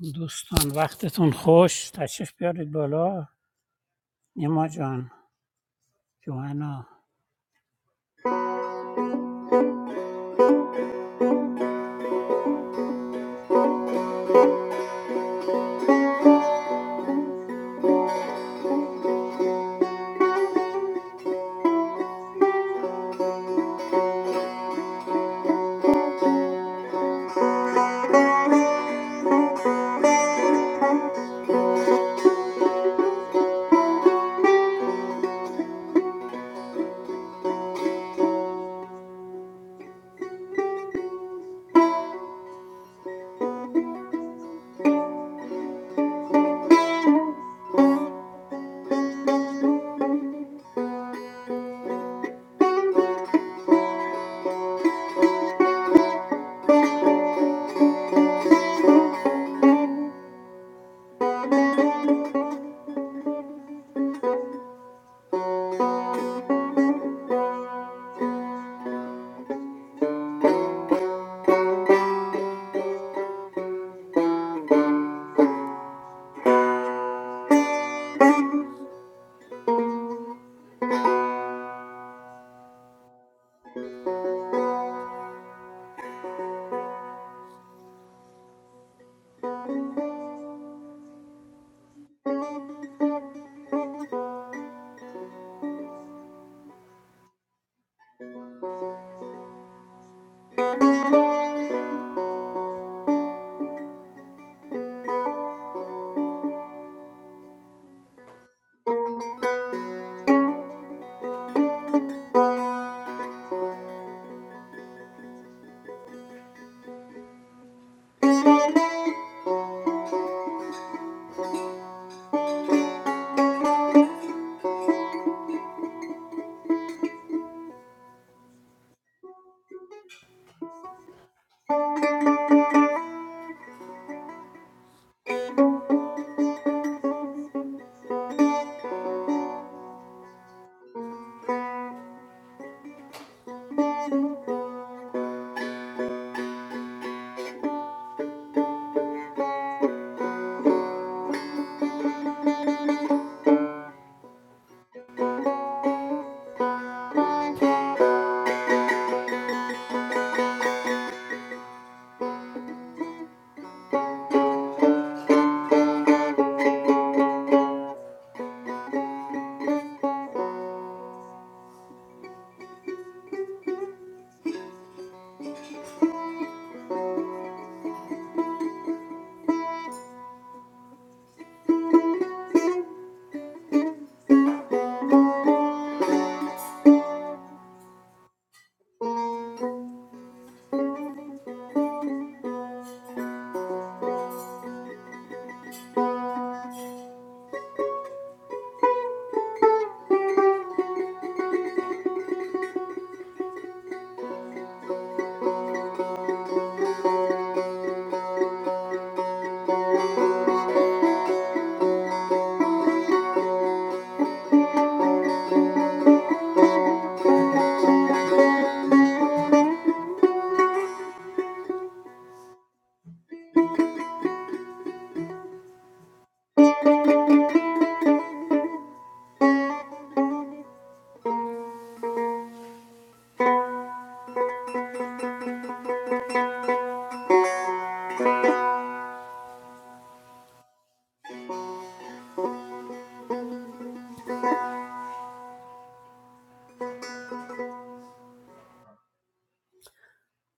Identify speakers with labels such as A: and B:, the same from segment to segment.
A: دوستان وقتتون خوش تشریف بیارید بالا نیما جان جوانا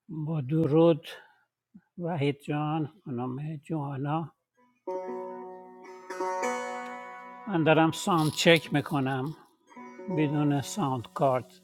A: با درود وحید جان خانم جوانا من دارم ساوند چک میکنم بدون ساوند کارت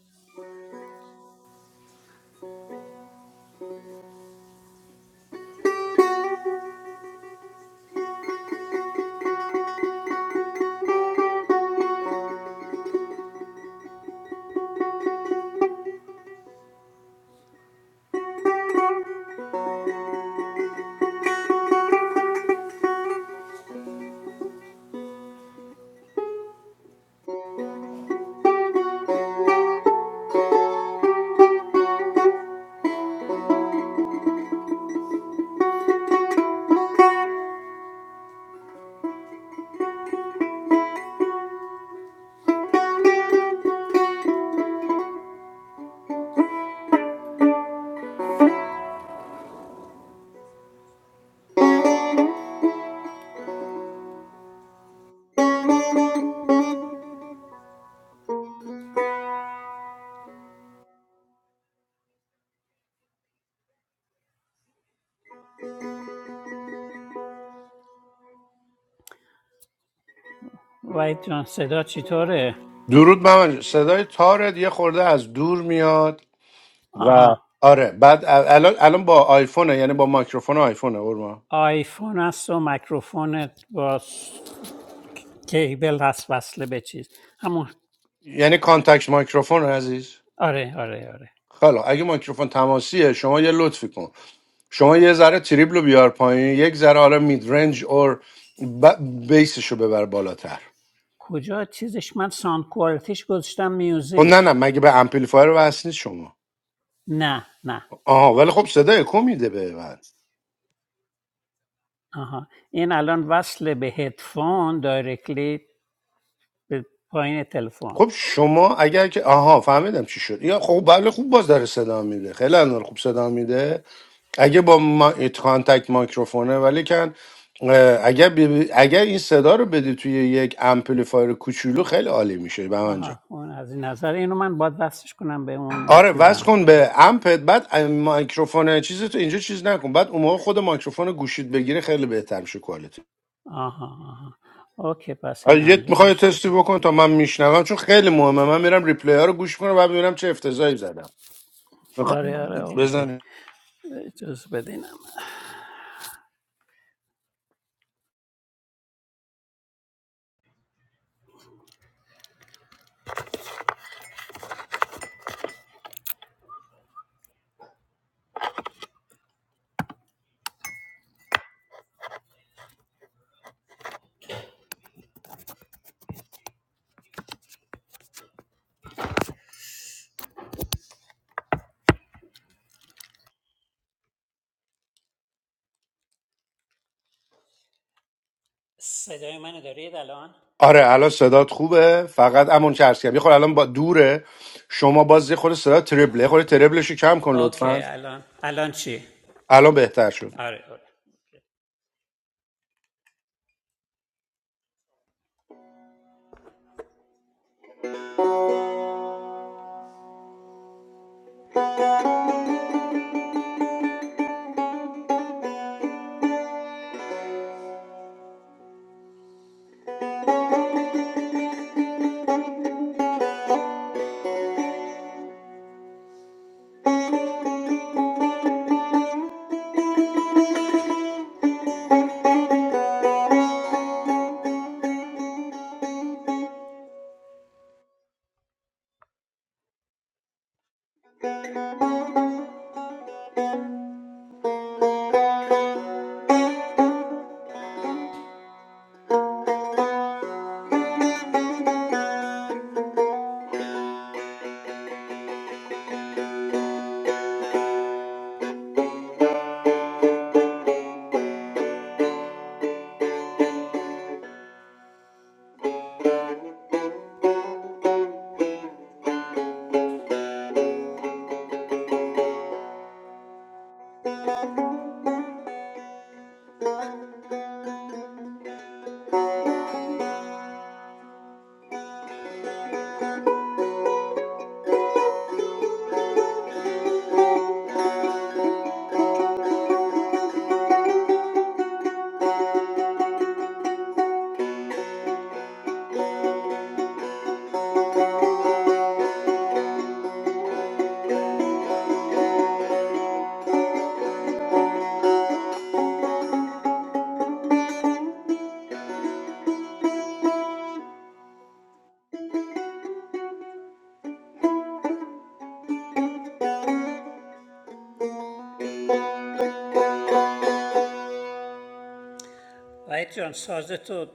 A: وحید جان صدا چطوره؟
B: درود محمد جان. صدای تارت یه خورده از دور میاد و
A: آها
B: آره بعد ال- الان الان با آیفونه یعنی با مایکروفون آیفونه قربان
A: آیفون است و میکروفونت با س- کیبل هست وصله به چیز همون
B: یعنی کانتکت مایکروفون عزیز
A: آره آره آره
B: خلا اگه مایکروفون تماسیه شما یه لطفی کن شما یه ذره تریبل رو بیار پایین یک ذره حالا مید رنج اور ب... بیسش رو ببر بالاتر
A: کجا چیزش من ساوند کوالتیش گذاشتم
B: خب نه
A: میوزیک
B: نه مگه به امپلیفایر وصل نیست شما
A: نه نه
B: آها ولی خب صدای کو میده به من
A: آها این الان وصل به هدفون دایرکتلی به پایین تلفن
B: خب شما اگر که آها فهمیدم چی شد یا خب بله خوب باز داره صدا میده خیلی الان خوب صدا میده اگه با ما... کانتکت مایکروفونه ولی کن اه، اگر, بی- اگر این صدا رو بدی توی یک امپلیفایر کوچولو خیلی عالی میشه به من جان
A: آها اون از این نظر اینو من باید وصلش کنم به اون
B: آره
A: چیزم
B: وصل کن به امپت بعد مایکروفون چیز تو اینجا چیز نکن بعد اون موقع خود مایکروفون گوشید بگیره خیلی بهتر میشه کوالیتی
A: آها آها اوکی پس این
B: آره، یه میخوای
A: انجامش
B: تستی
A: بدم
B: بکن تا من میشنوم چون خیلی مهمه من میرم ریپلی ها رو گوش کنم و ببینم چه افتضاحی زدم
A: آره آره
B: می‌خوام-
A: اوکی
B: بزن
A: اجازه بدینم صدای منو دارید الان
B: آره الان صدات خوبه فقط امون که عرض کردم یه خورده الان با دوره شما باز یه خورده صدا تربله یه خورده تربلش رو کم کن
A: اوکی
B: لطفا
A: الان الان چی
B: الان بهتر شد
A: آره آره وحید جان ساز تو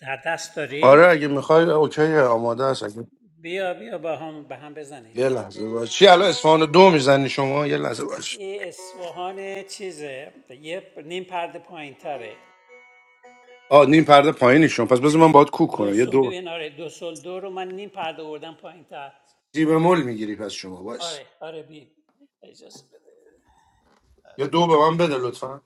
A: در دست داری
B: آره اگه میخوای اوکی آماده است اگه
A: بیا بیا با هم به هم بزنیم
B: یه لحظه باش چی الان اصفهان دو میزنی شما یه لحظه باش
A: این اصفهان چیزه یه نیم پرده پایین تره
B: آ نیم پرده پایینی شما پس بذار من باید کوک
A: دو
B: کنم یه
A: سل...
B: دو
A: ببین آره دو سل دو رو من نیم پرده آوردم پایین تر
B: سی بمول میگیری پس شما باش
A: آره آره بی اجازه بده
B: یه دو به من بده لطفا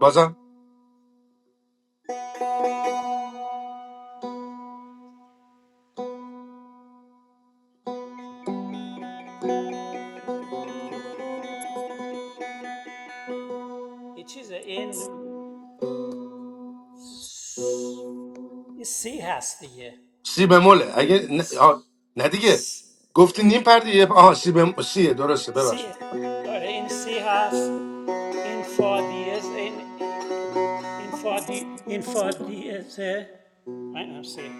B: بازم
A: این چیزه این این سی هست دیگه
B: سی بموله اگه نه, آه، نه دیگه گفتی نیم پرده یه آها سی بم... سیه درسته
A: سی
B: ببخشید
A: آره این سی هست این فا دیز این این فا دی این فا دیزه این هم سی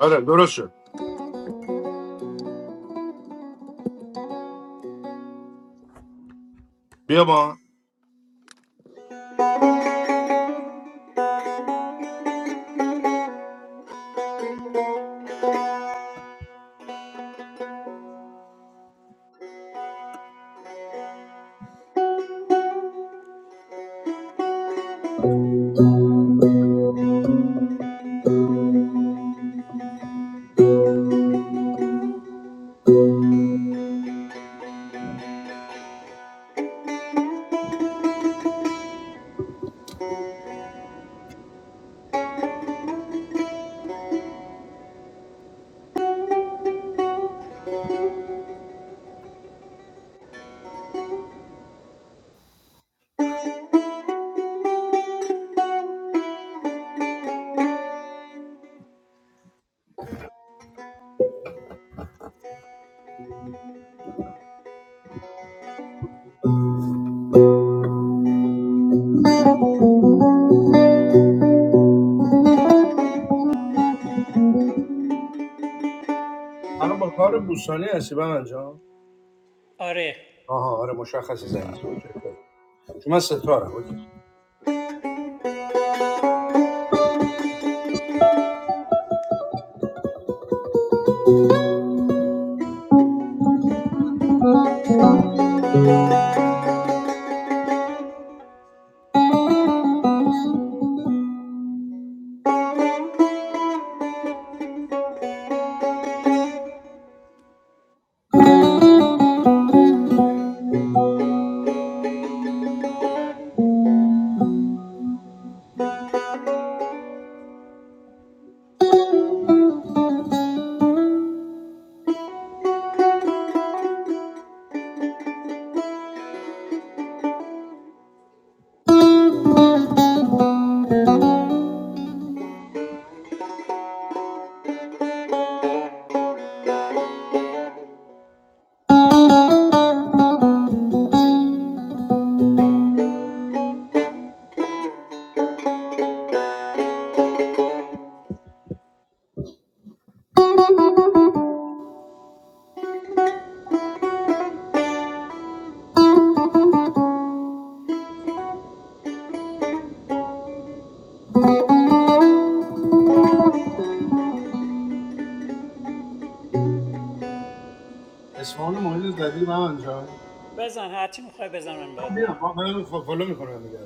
B: آره درست شد بیا با الان با کار بوستانی هستی به انجام
A: آره
B: آها آره مشخص زنگ اوکی چون من ستارم اوکی اسمان مهم زدی به انجام
A: بزن هرچی میخوای بزن من باد
B: بیا
A: میام
B: با من فالو میکنم دیگه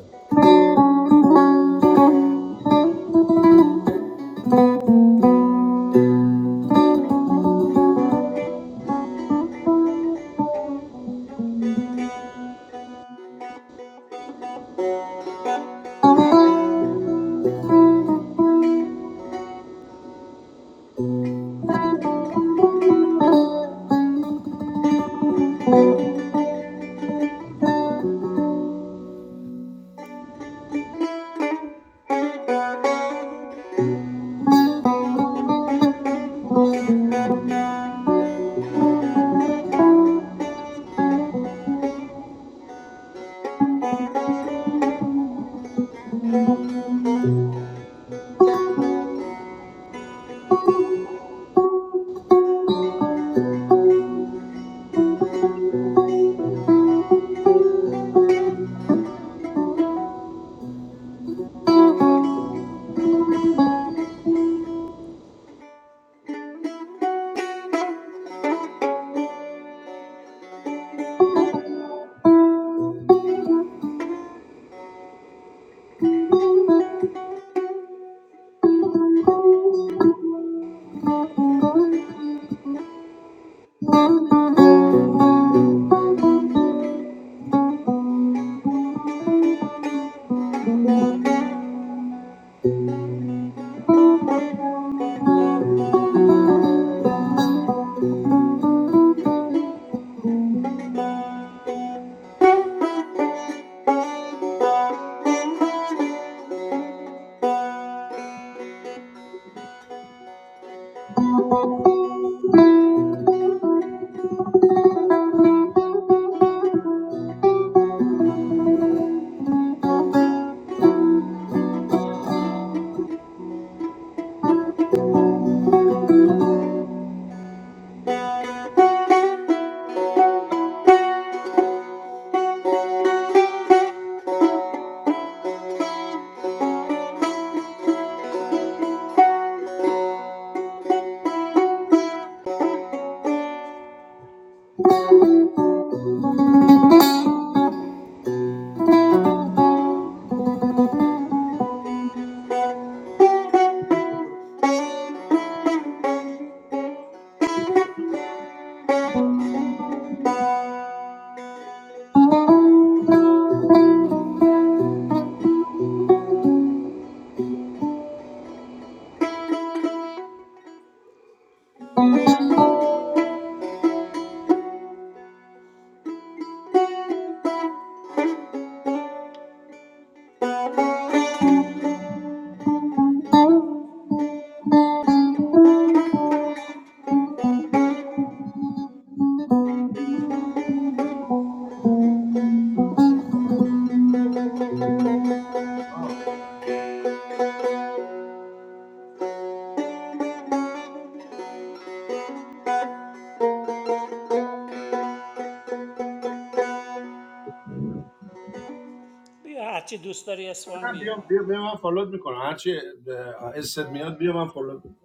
A: بیا هرچی دوست داری اسوان
B: نه
A: بیا
B: بیا بیا بیا من فالو میکنم هرچی اه، استت میاد بیا من فالو می‌کنم.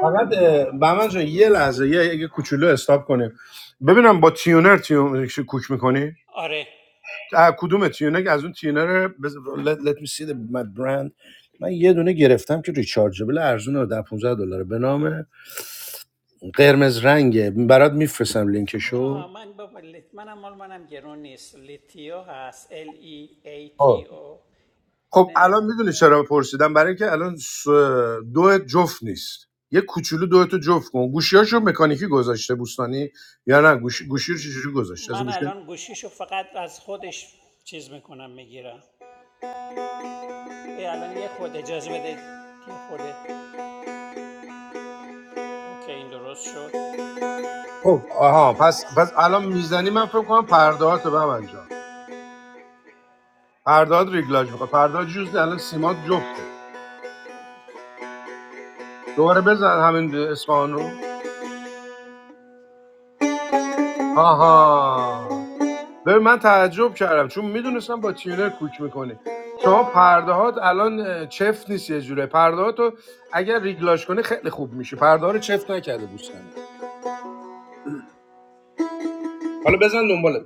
B: فقط بهمن جان یه لحظه یه اگه کوچولو استاپ کنیم ببینم با تیونر تیون کوک میکنی
A: آره
B: کدوم تیونر از اون تیونر بز... let, let me see the, my brand من یه دونه گرفتم که ریچارجبل ارزون رو در 15 دلار به نام قرمز رنگه برات میفرستم لینکشو
A: آها من با لیت منم مال منم گرون نیست لیتیو هست L E A T
B: آه.
A: O
B: خب الان
A: اینه
B: میدونی چرا پرسیدم برای اینکه الان س- دو جفت نیست یه کوچولو دو تو جفت کن گوشیاشو مکانیکی گذاشته بوستانی یا نه گوشی گوشی رو چجوری گذاشته از این
A: من
B: گوشی
A: الان گوشیشو فقط از خودش چیز میکنم میگیرم بیا الان یه خود اجازه بده یه خود اوکی این درست شد
B: خب آها پس پس الان میزنی من فکر کنم پرده به تو ببن جان پرده هات ریگلاژ میخواد پرده ها جوز نه، الان سیمات جفته دوباره بزن همین اصفهان رو آها ببین من تعجب کردم چون میدونستم با تیونر کوک میکنی شما پرده هات الان اه، چفت نیست یه جوره پرده هاتو اگر ریگلاش کنی خیلی خوب میشه پرده ها رو چفت نکرده بوستنی حالا بزن دنبالت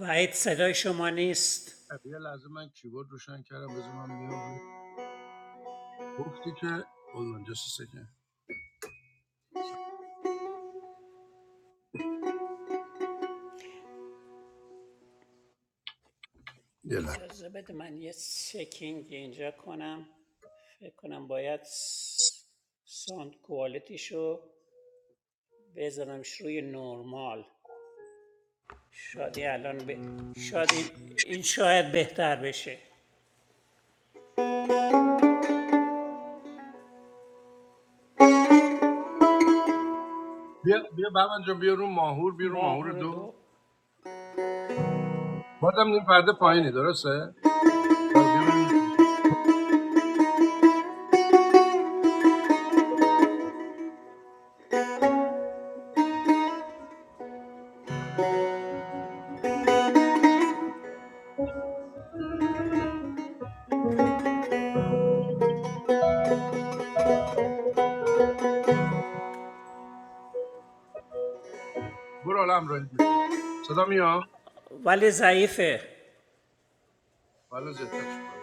A: وحید صدای شما نیست
B: یه لحظه من کیبورد روشن کردم بزن من بیام روی- گفتی که اون جست یه لحظه
A: اجازه بده من یه چکینگ اینجا کنم فکر کنم باید س- ساوند کوالیتیشو بذارمش روی نورمال شادی الان به شاید این, شاید بهتر بشه
B: بیا بیا بابا جان بیا رو ماهور بیا رو ماهور
A: ماهور
B: دو
A: دو
B: بازم این پرده پایینه
A: آره
B: درسته حالا بیا ببینیم برو حالا همراهی میکنم صدا میاد
A: ولی ضعیفه
B: حالا زیادترش کنم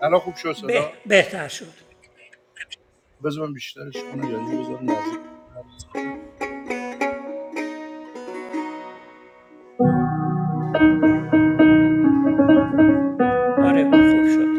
B: الان خوب شد صدا
A: به بهتر شد
B: بذار بیشترش کنم یا اینو بذارم نزدیک
A: آره خوب شد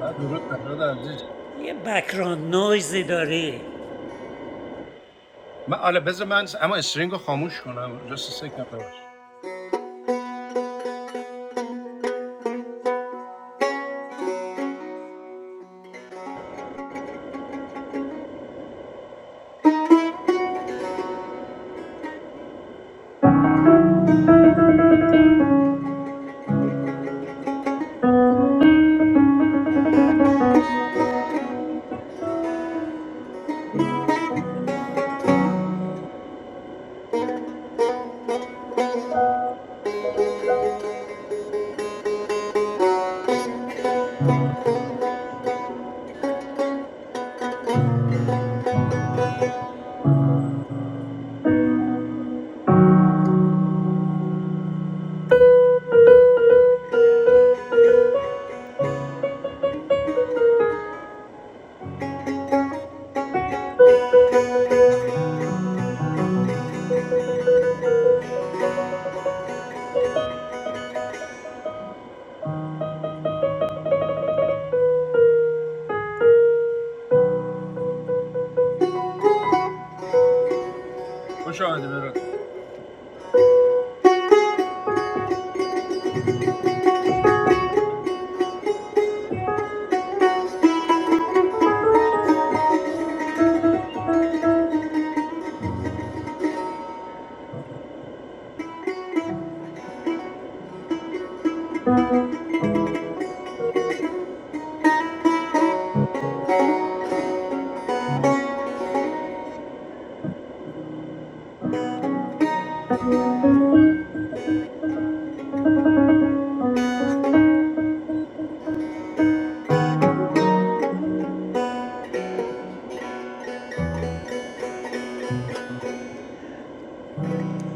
B: نه درود برادر عزیز
A: یه بکران نویزی داری
B: من آره بذار من اما استرینگو خاموش کنم جست سکم ببر خوش آمدی برات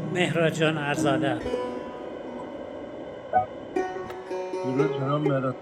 A: مهراج جان ارزاده
B: درود جناب مراد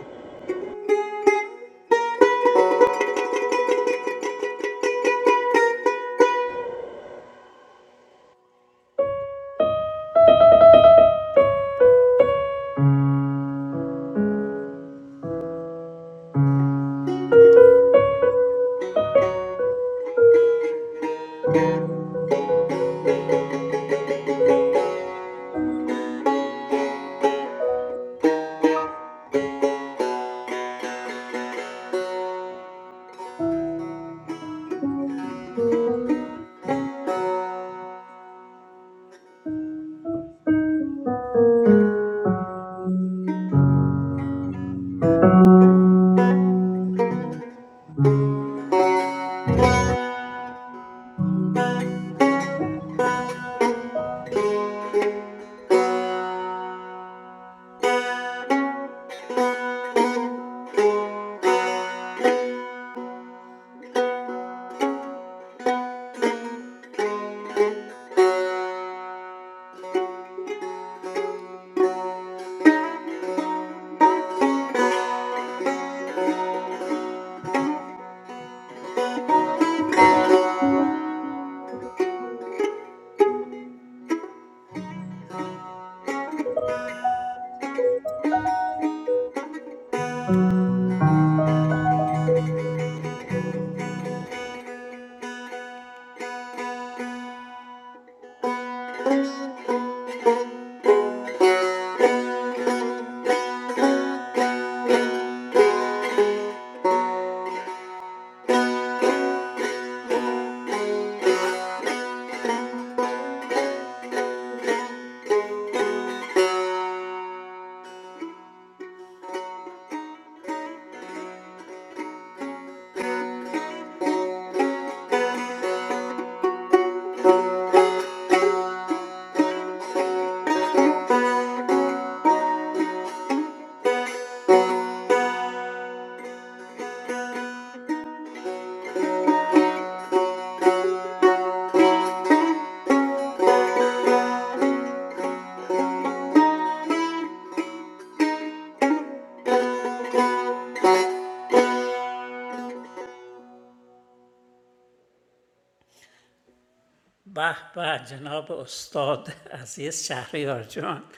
A: به به جناب استاد عزیز شهریار جان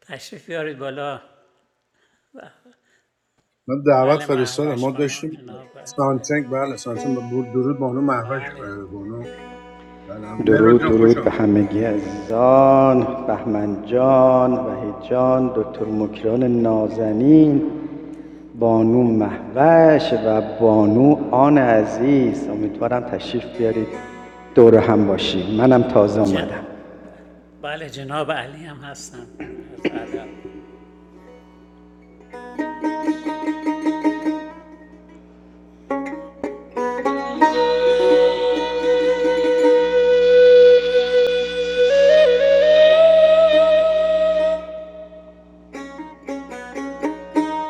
A: تشریف بیارید بالا
B: من دعوت
A: بله
B: فرستادم
A: محوش
B: ما
A: خانم
B: داشتیم
A: جناب
B: سانچنگ بله سانچنگ بود درود بانو محوش
A: بله
B: اه، بانو بله مراد
C: درود
B: جان خوش
C: درود به
B: آمدید
C: همگی عزیزان بهمن جان وحید جان دکتر مکران نازنین بانو محوش و بانو آن عزیز امیدوارم تشریف بیارید دور هم باشیم منم تازه
A: جن...
C: آمدم
A: بله جناب علی هم هستن از ادب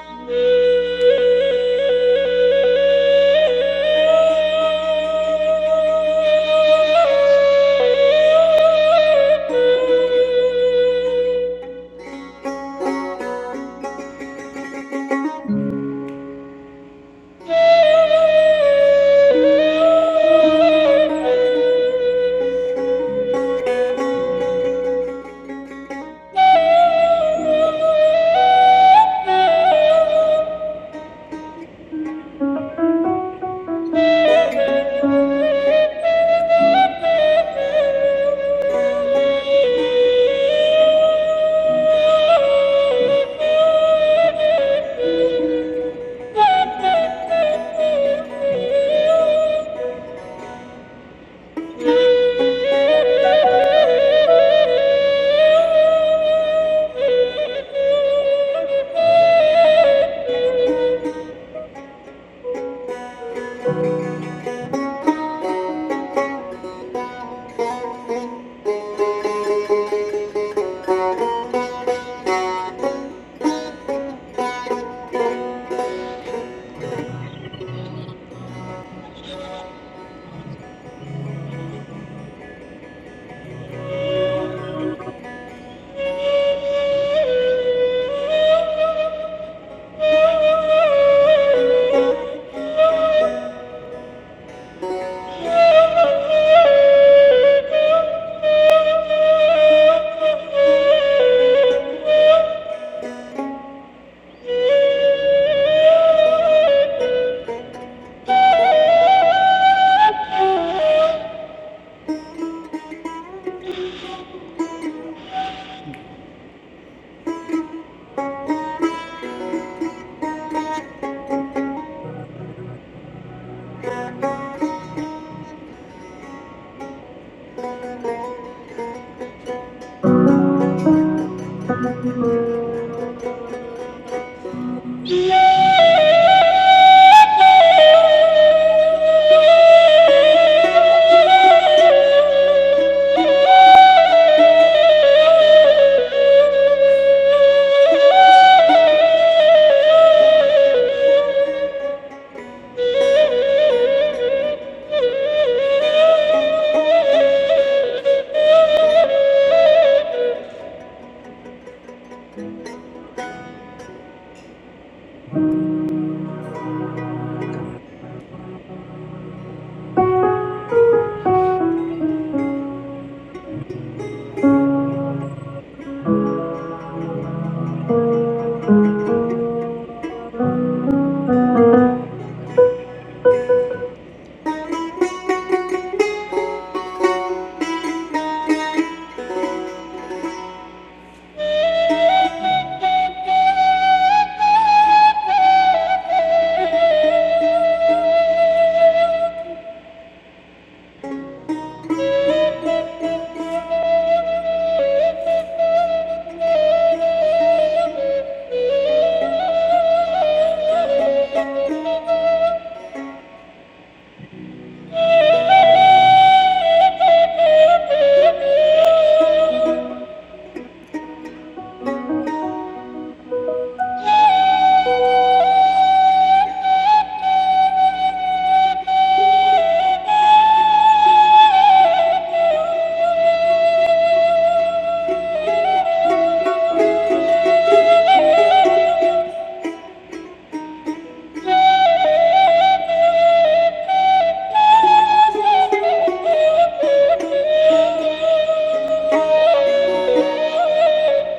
C: Thank you. Thank you. Thank you. Thank you. Thank you.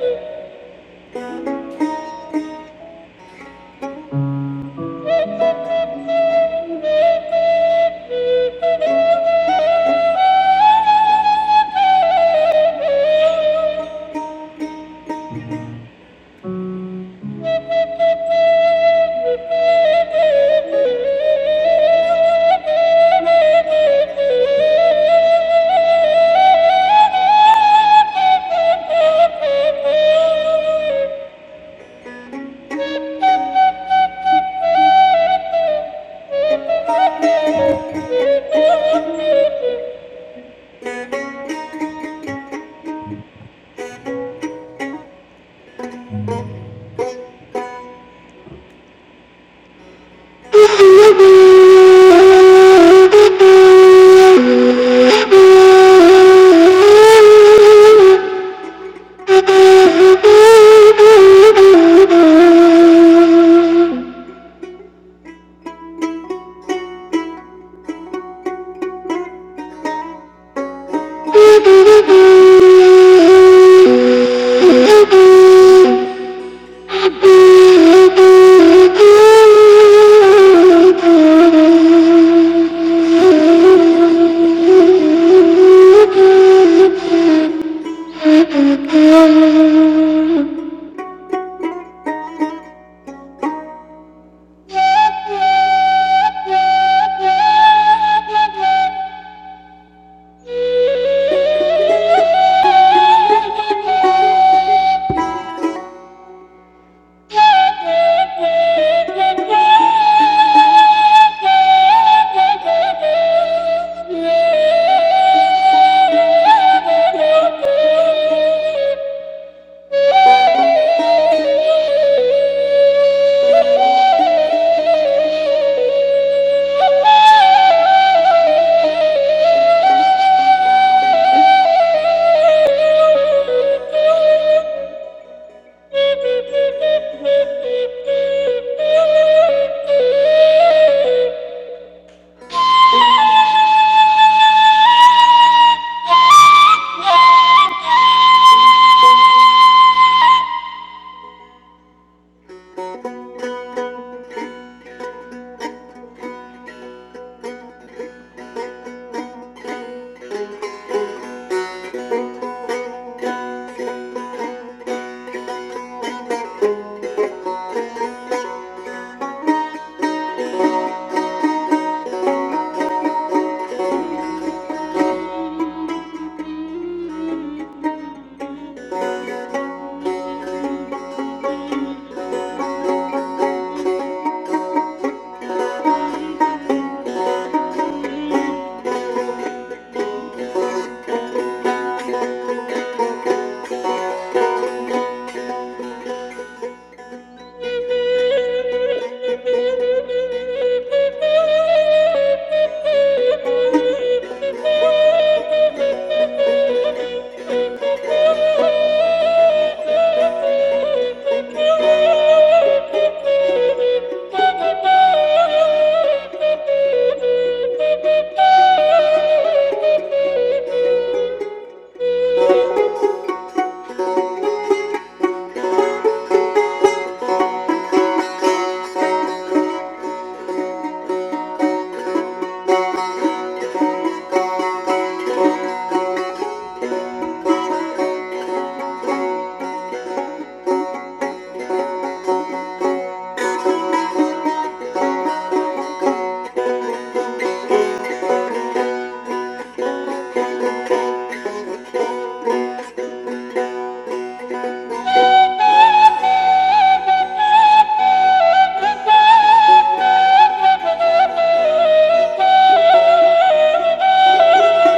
C: Thank you. Thank you. Thank you. Thank you. Thank you.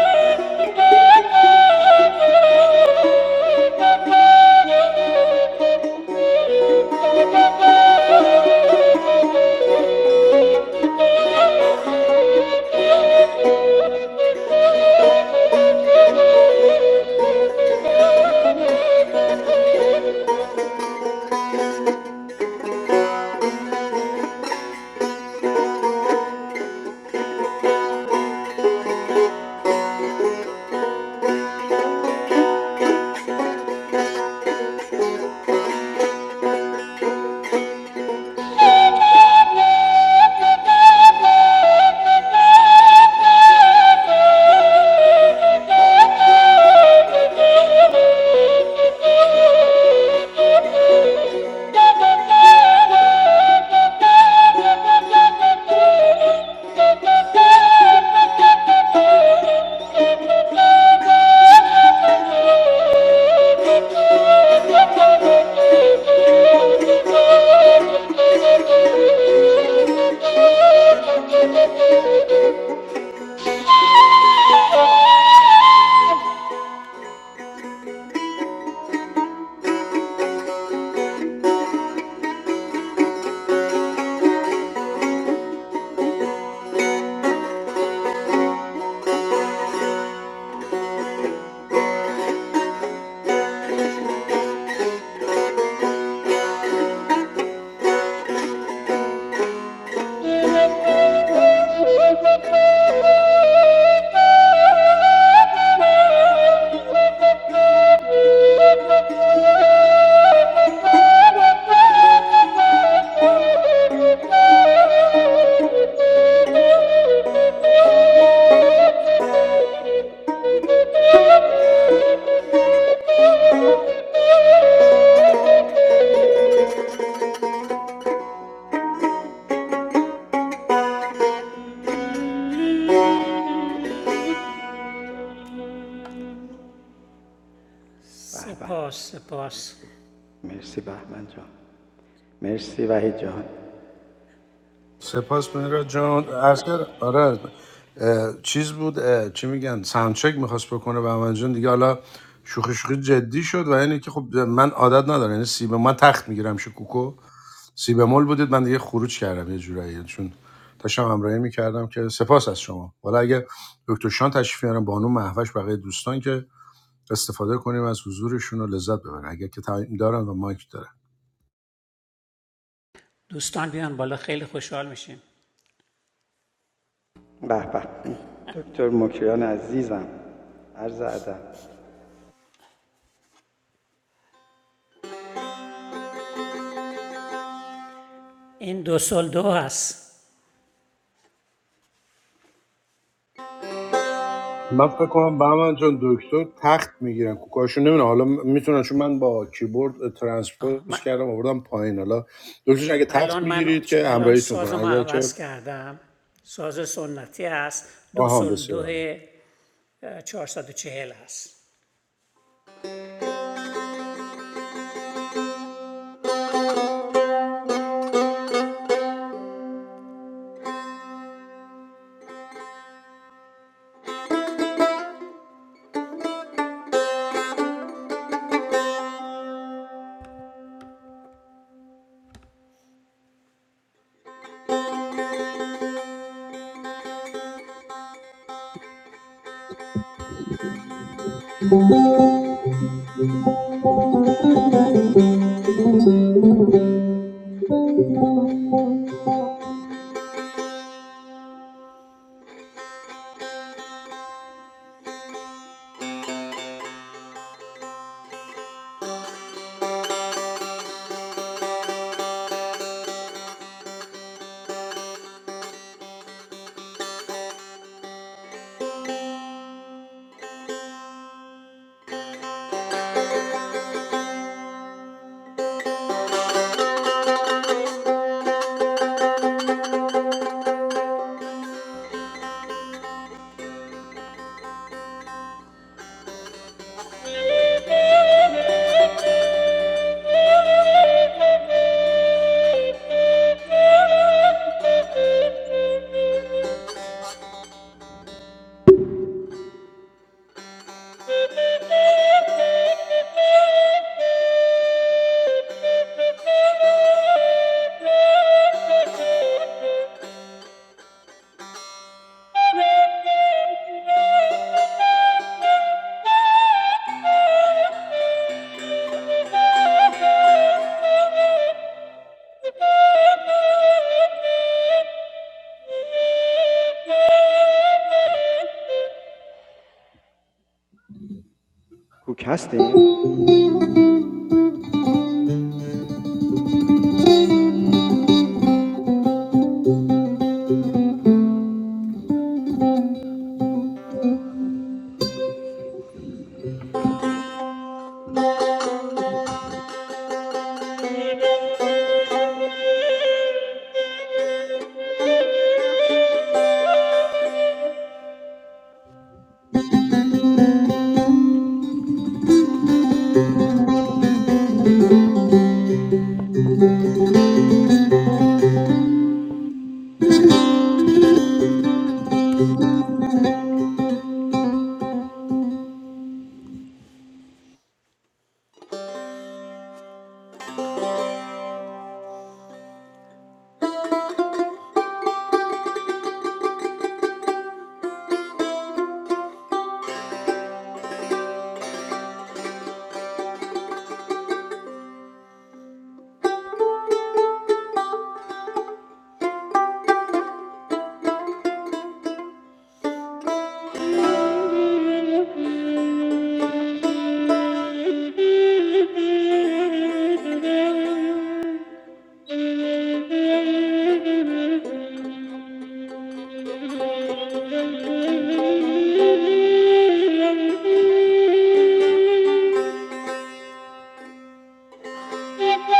C: Thank you. Thank you. Thank you. Thank you. Thank you.
A: سپاس سپاس
B: سپاس مهراد جان اصلا آره اه، چیز بود اه، چی میگن ساوندچک میخواست بکنه به من جان دیگه حالا شوخی شوخی جدی شد و یعنی که خب من عادت ندارم یعنی سیب من تخت میگیرم شکوکو سی بمول بودید من دیگه خروج کردم یه جورایی یعنی چون داشتم همراهی میکردم که سپاس از شما حالا اگه دکتر شان تشریف میارن بانو محوش بقیه دوستان که استفاده کنیم از حضورشون رو لذت ببرن اگه که تایم دارن و مایک دارن
A: دوستان بیان بالا خیلی خوشحال میشیم این دو سل دو هست
B: من فکر کنم من چون دکتر تخت میگیرن کوکاشون نمیدونم حالا میتونن چون من با کیبورد
A: آه،
B: ترانسپوز
A: من-
B: کردم آوردم پایین حالا دکترش اگه تخت
A: الان من
B: میگیرید
A: چ-
B: که
A: الان
B: همراهیتون
A: ساز
B: کنه
A: ما
B: اگر که
A: عوض کردم ساز سنتی هست دو
B: آها
A: سل دو
B: بسیار
A: اه، چهل هست
C: Thank you. Thank you. Thank you.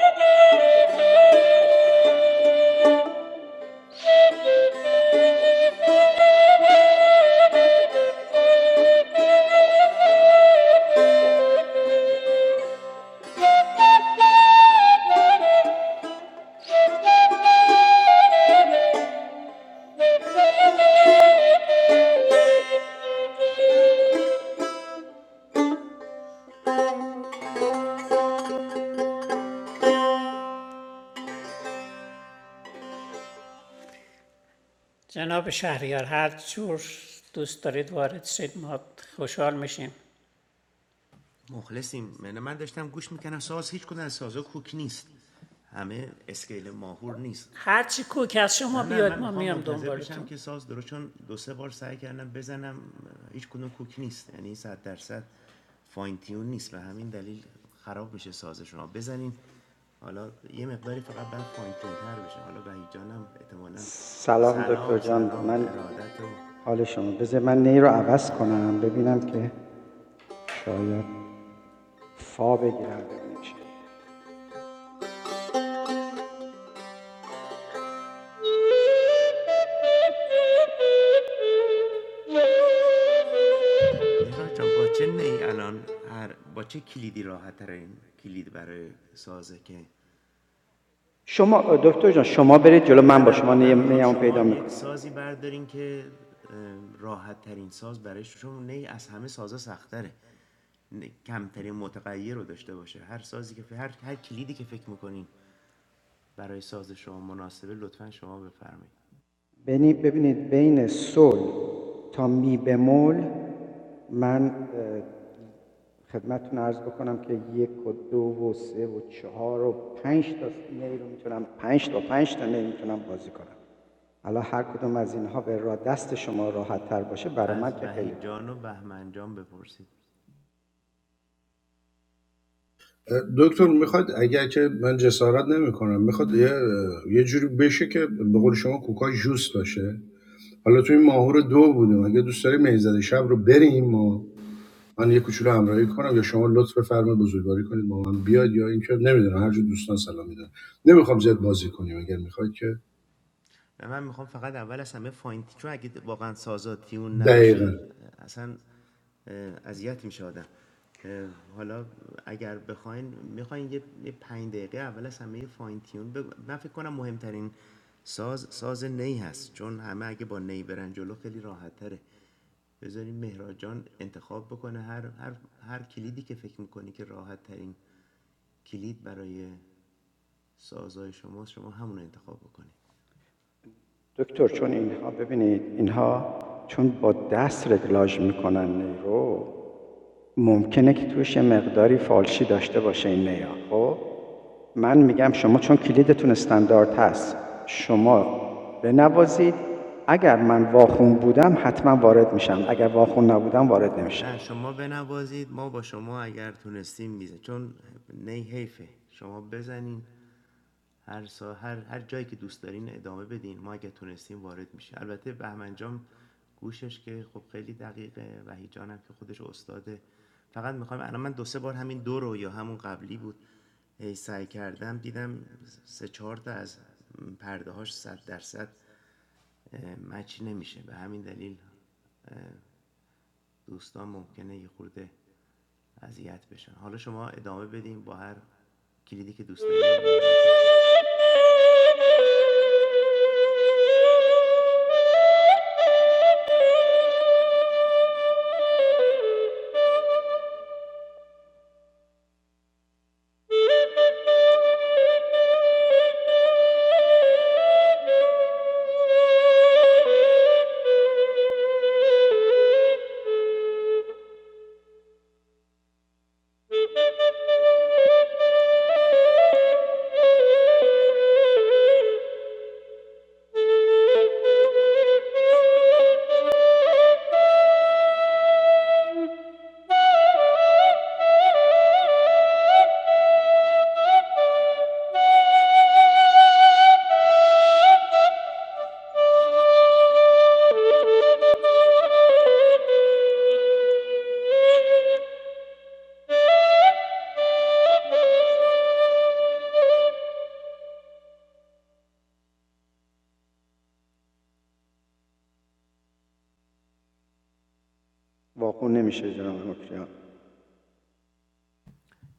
C: Thank
A: جناب شهریار هر جور دوست دارید وارد شید ما خوشحال میشیم
D: مخلصیم من من داشتم گوش میکنم ساز هیچ کدوم از سازا کوک نیست همه اسکیل ماهور نیست
A: هرچی کوک از شما
D: نه نه من
A: بیاد ما
D: میخوام
A: میام
D: منتظر بشم
A: دنبالتون
D: که ساز درست چون دو سه بار سعی کردم بزنم هیچ کدوم کوک نیست یعنی صد درصد فاین تیون نیست به همین دلیل خراب میشه ساز شما بزنین حالا یه مقداری فقط بعد فاین تیون تر بشه حالا وحید جانم احتمالاً سلام سلام ارادت و آره مهراد جان با
C: you.
D: چه نی الان هر با چه کلیدی راحت ترین کلید برای سازه که نه نه من میخوام شما یک سازی بردارین که راحت ترین ساز برای شما نی از همه سازا سختره نی- کمترین متغیر رو داشته باشه هر سازی که ف... هر... هر کلیدی که فکر میکنین برای ساز شما مناسبه لطفاً شما بفرمایید از وحید جان و بهمن جان بپرسید
B: دکتر میخواد اگر که من جسارت نمیکنم میخواد یه یه جوری بشه که به قول شما کوکا جوس باشه حالا توی ماهور دو بودیم اگه دوست داری میزد شب رو بریم و من یه کوچولو همراهی کنم یا شما لطف بفرمایید بزرگواری کنید با من بیاد یا اینکه نمیدونم هر جور دوستان سلام میدن نمیخوام زیاد بازی کنیم اگر میخواید که
D: من میخوام فقط اول از همه فاین چون اگه واقعا سازا تیون
B: دقیقا
D: نباشه اصلا اذیت میشه آدم حالا اگر بخواین میخواین یه یه پنج دقیقه اول از همه فاین تیون بگو- من فکر کنم مهمترین ساز ساز نی هست چون همه اگه با نی برن جلو خیلی راحت تره بذارین مهراد جان انتخاب بکنه هر, هر, هر کلیدی که فکر میکنی که راحت ترین کلید برای سازهای شماست شما همون انتخاب بکنی. نه شما بنوازید ما با شما اگر تونستیم میزه چون نی حیفه شما بزنین هر سا هر, هر جایی که دوست دارین ادامه بدین ما اگر تونستیم وارد میشه البته بهمن جان گوشش که خب خیلی دقیقه و هم که خودش استاده فقط میخوام الان من دو سه بار همین دو رو یا همون قبلی بود هی سعی کردم دیدم سه چهار تا از پرده هاش صد درصد مچ نمیشه به همین دلیل اه، دوستان ممکنه یه خورده اذیت بشن حالا شما ادامه بدیم با هر کلیدی که دوست
C: Thank
D: دارین مهراد جان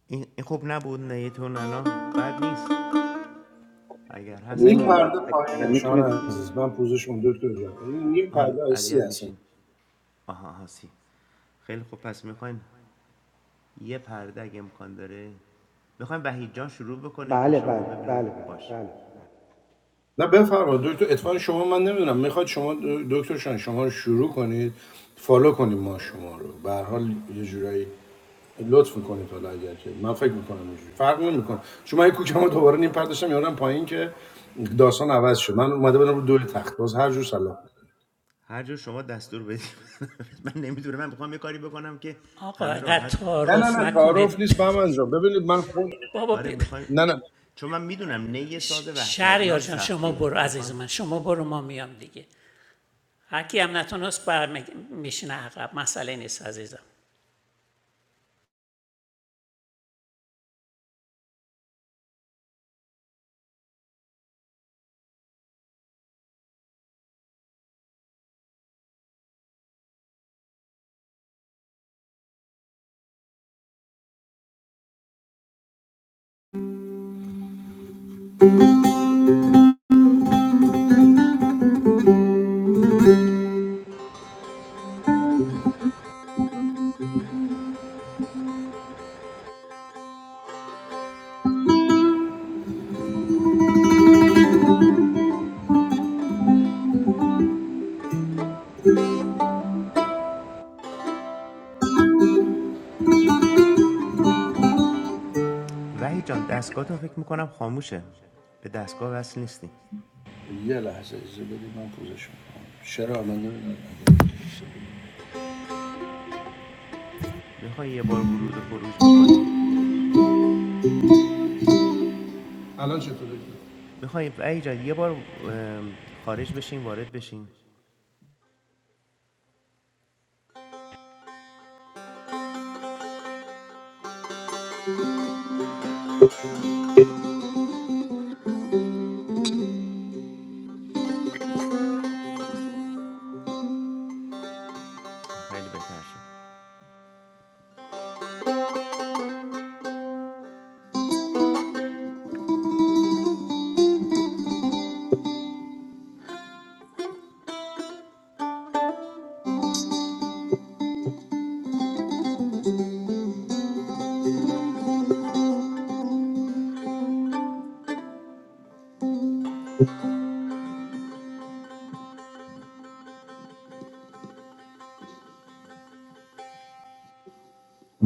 D: این خوب نبود نیتون الان بد نیست اگر هست
B: این پرده پایینه شان عزیز من پوزشون دکتر جان این یه پرده
D: آن
B: آیسی
D: اذیت
B: هست
D: میشین آها آها خیلی خوب پس میخواین یه پرده اگه امکان داره میخوایم وحید جان شروع بکنه که شما ببینون باش
B: نه بفرمایید دکتر اتفاقا شما من نمیدونم میخواد شما د- دکتر شان شما رو شروع کنید فالو کنیم ما شما رو به هر حال یه جورایی لطف میکنید حالا اگر که من فکر میکنم اینجوری فرق نمیکنه شما من یه کوکمو دوباره نیم پرداشتم یادم پایین که داستان عوض شد من اومده بودم رو دور تخت باز هر جور سلام
D: هر جور شما دستور بدید من نمیدونم من میخوام یه کاری بکنم که
A: آقا
D: همه
A: اینقدر
D: راحت
B: نه نه
D: باشن
A: تعارف
B: نه تعارف
A: نکنید
B: نیست به من جان. ببینید من خود
A: بابا
D: آره
A: بی...
D: میخوایم
B: نه نه
D: چون من میدونم نی ساز
A: شهریار
D: وحشتناک
A: جان شما
D: سختیه
A: برو عزیز
D: میخوام
A: من شما برو ما میام دیگه هر کی هم نتونست بر میشینه عقب مسئله نیست عزیزم
D: وحید جان دستگاهتون فکر میکنم خاموشه به دستگاه وصل نیستیم
B: یه لحظه اجازه بدید من پوزشون کنم چرا من نمیدونم
D: میخوای یه بار ورود و خروج بکنیم
B: الان چطوره
D: میخوای وحید جان یه بار خارج بشیم وارد بشیم خیلی بهتر شد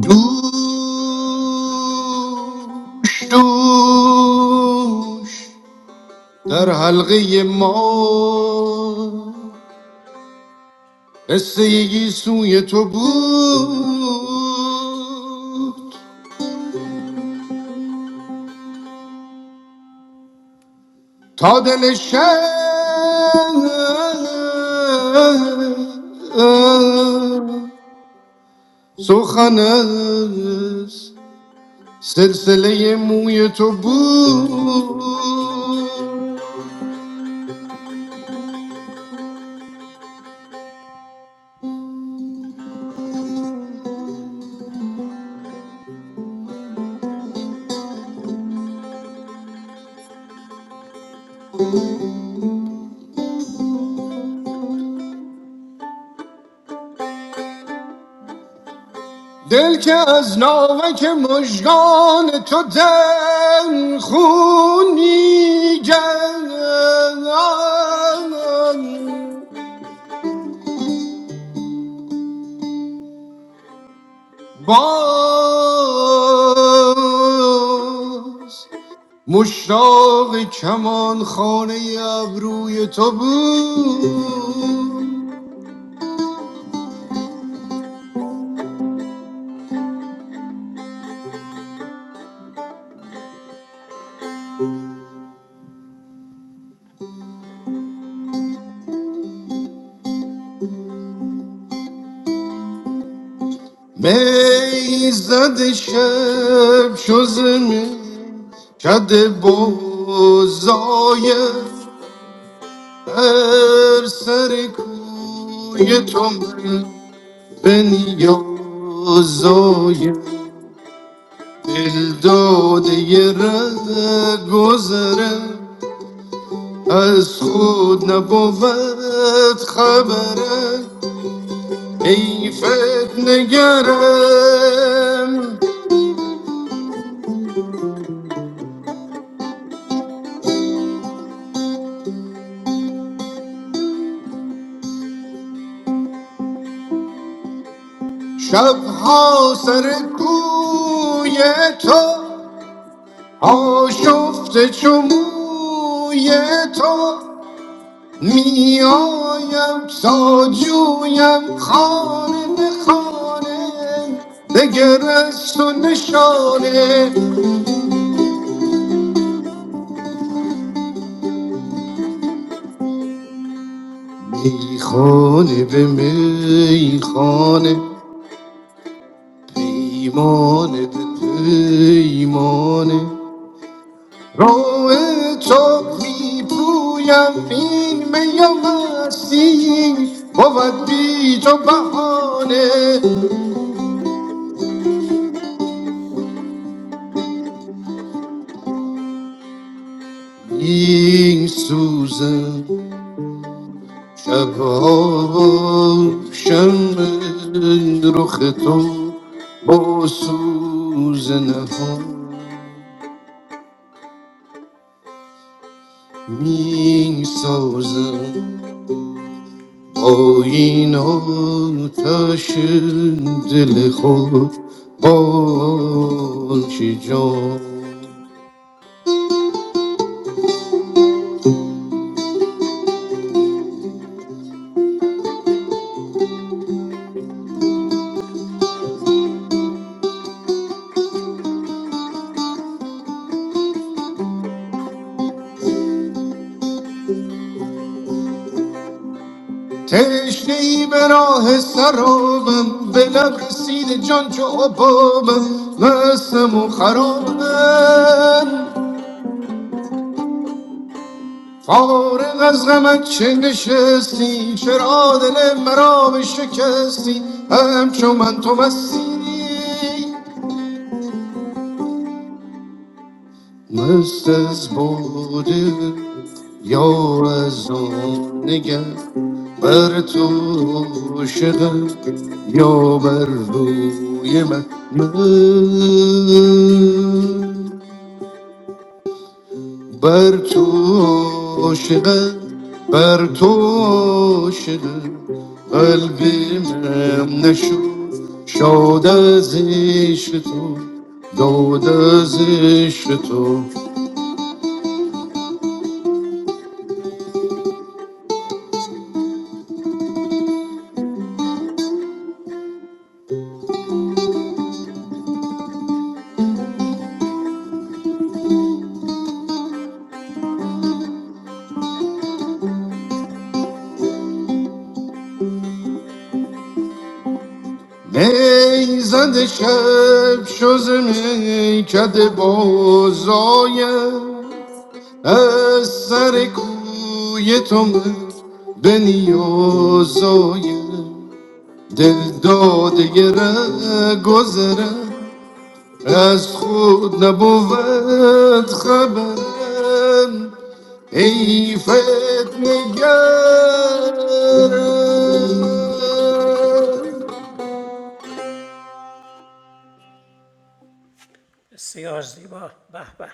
B: دوش دوش در حلقه ما قصه یکی تو بود تا دل شب سخن از سلسله موی تو بود دل که از ناوک مژگان تو دل خونی جنان باز مشتاق کمان خانه ابروی تو بود میزد شب شو کد بوزای هر سر کوی تو من به نیازای دل داده یه ره گذرم از خود نبود خبره ایفت نگرم شبها سر کوی تو آشفته چو موی تو میایم تا جویم خانه به خانه دگر از تو نشانه میخانه به میخانه پیمانه به پیمانه راه تو میپویم این میم مستی بود بی تو بهانه این سوزم شبها و شمع رخ تو با سوز نهان می سازم آیین آتش دل خود با که جان تشنه ای به راه سرابم به لب رسید جان چو عبابم مستم و خرابم فارغ از غمت چه نشستی چرا دل مرا شکستی همچو من تو مستی مست از باده یا از آن نگه بر تو شدم یا بر روی من بر تو عاشقم بر تو عاشقم قلبیم نشد شاد از عشق تو داد از عشق تو نیزد شب شز میکد بازایم از سر کوی تو من به نیازایم دل داده ره گذرم از خود نبود خبرم ای فتنگرم
A: بسیار زیبا به به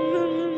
C: you.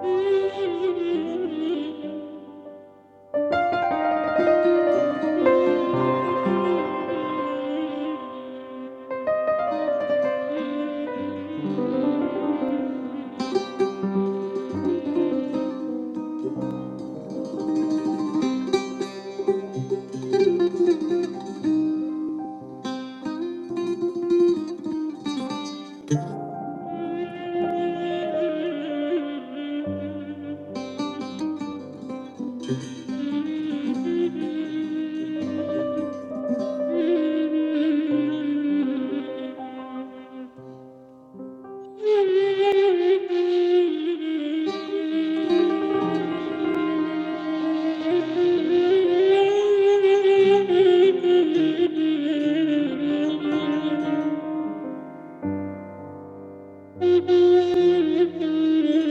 C: Thank you. Thank you.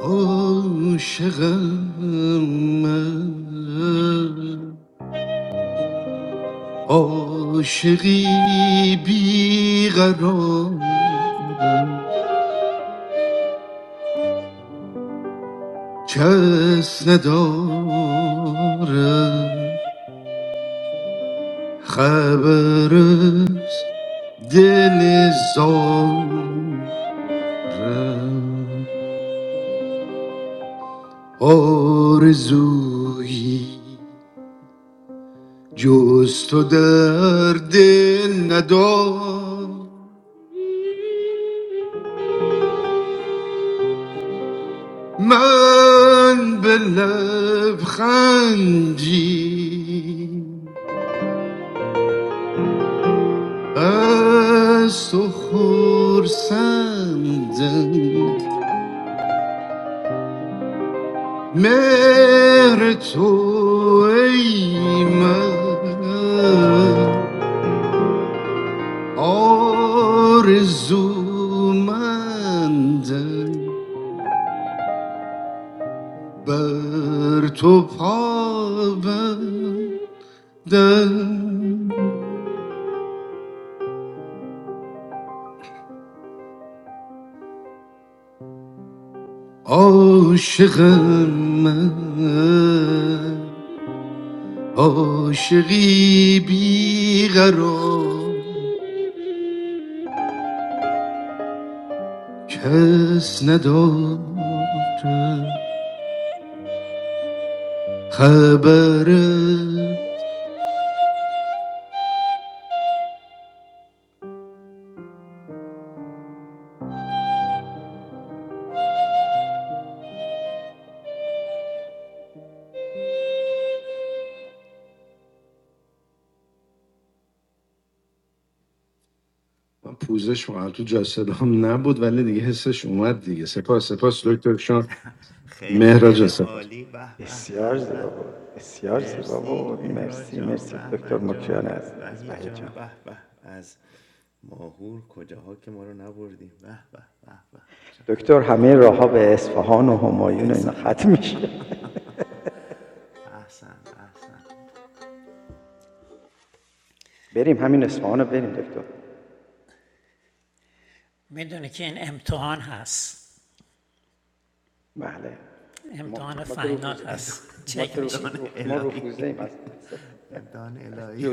B: عاشقم من عاشقی بیقرارم کس ندارم خبر است دل زارم آرزویی جز تو در دل ندارم من به لبخندی از تو خورسندم مهر تو ای من آرزومندم بر تو پا بندم عاشقم من عاشقی
C: Thank you.
B: بیقرار کس ندارد خبره پوزش واقعا تو جسد هم نبود ولی دیگه حسش اومد دیگه سپاس سپاس دکتر شان
D: خیلی خیلی
B: مهراج
D: هم
B: سپاس
D: عالی به به به به مرسی مهراد جان بهمن جان وحید جان به به از ماهور کجاها که ما رو نبردیم به به به به چقدر عالی احسن احسن
A: میدونی که این امتحان هست امتحان فینال هست چک میشی
D: امتحان الهی امتحان الهی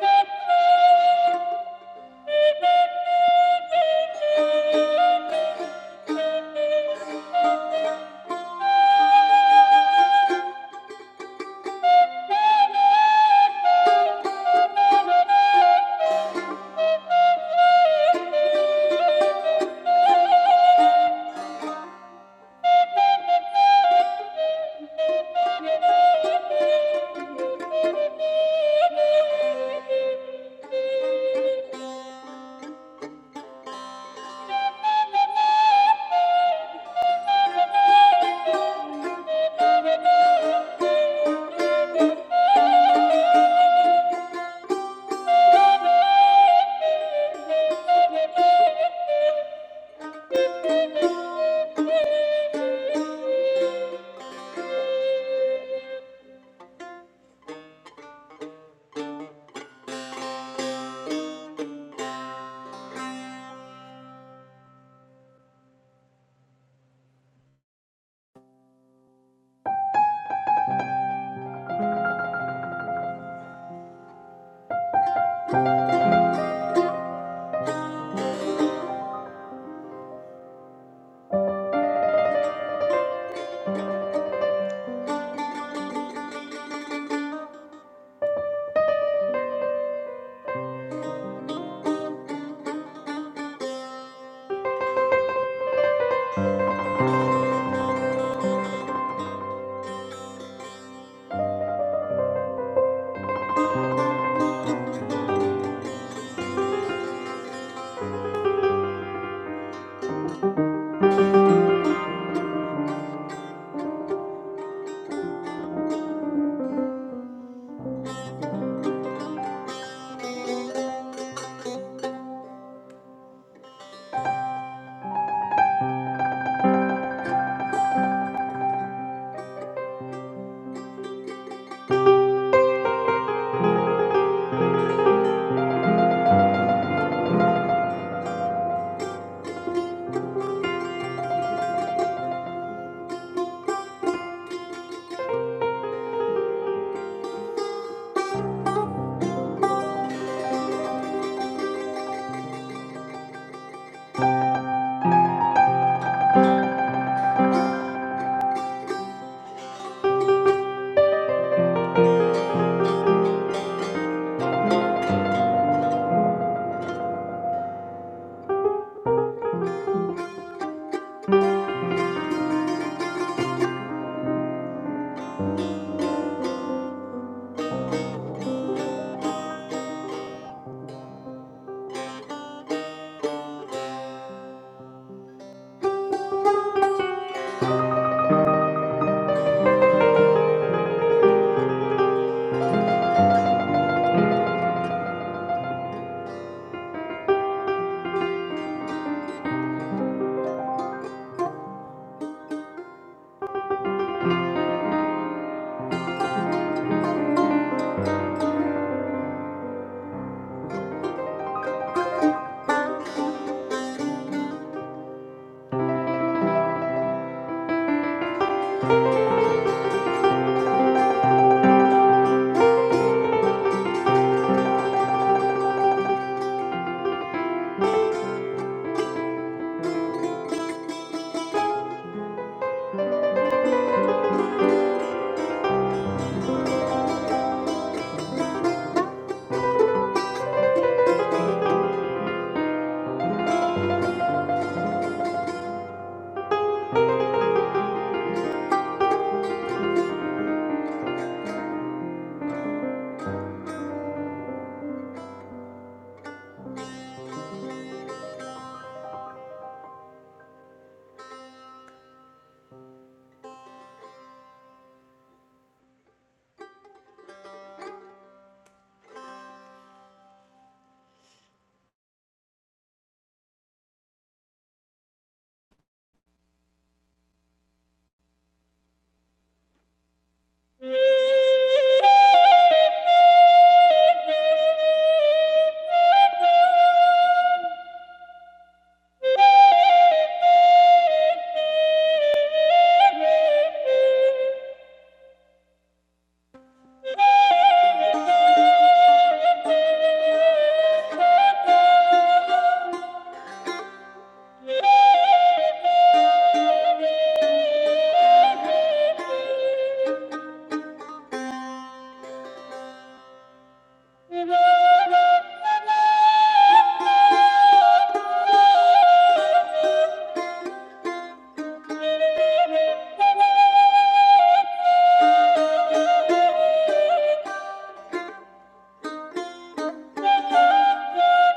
C: Thank you. Thank you. Thank you.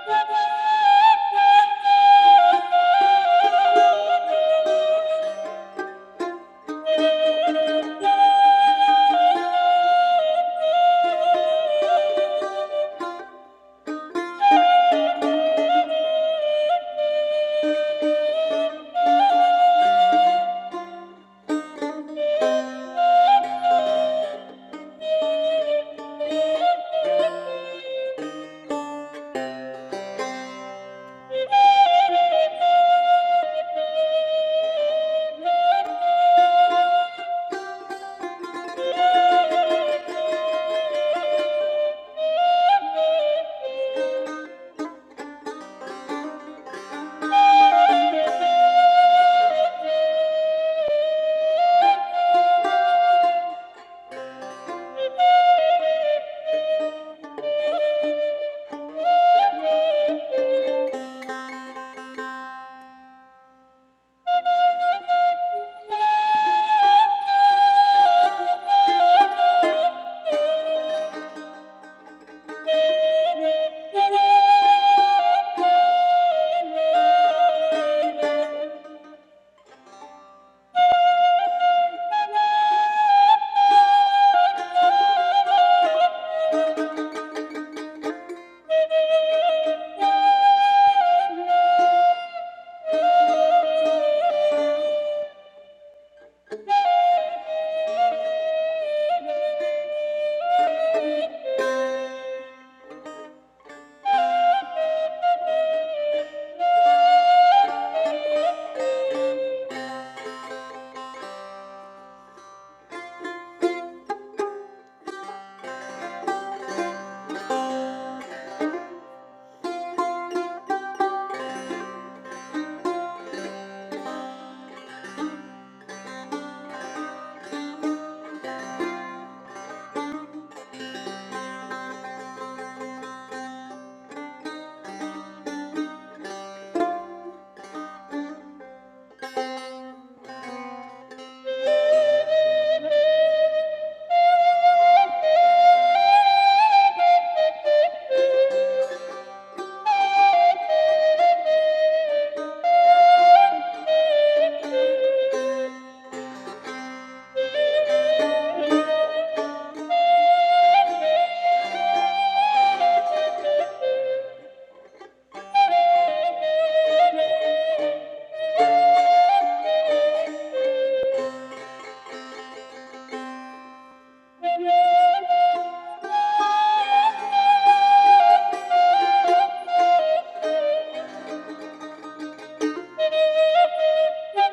C: Thank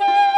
C: you.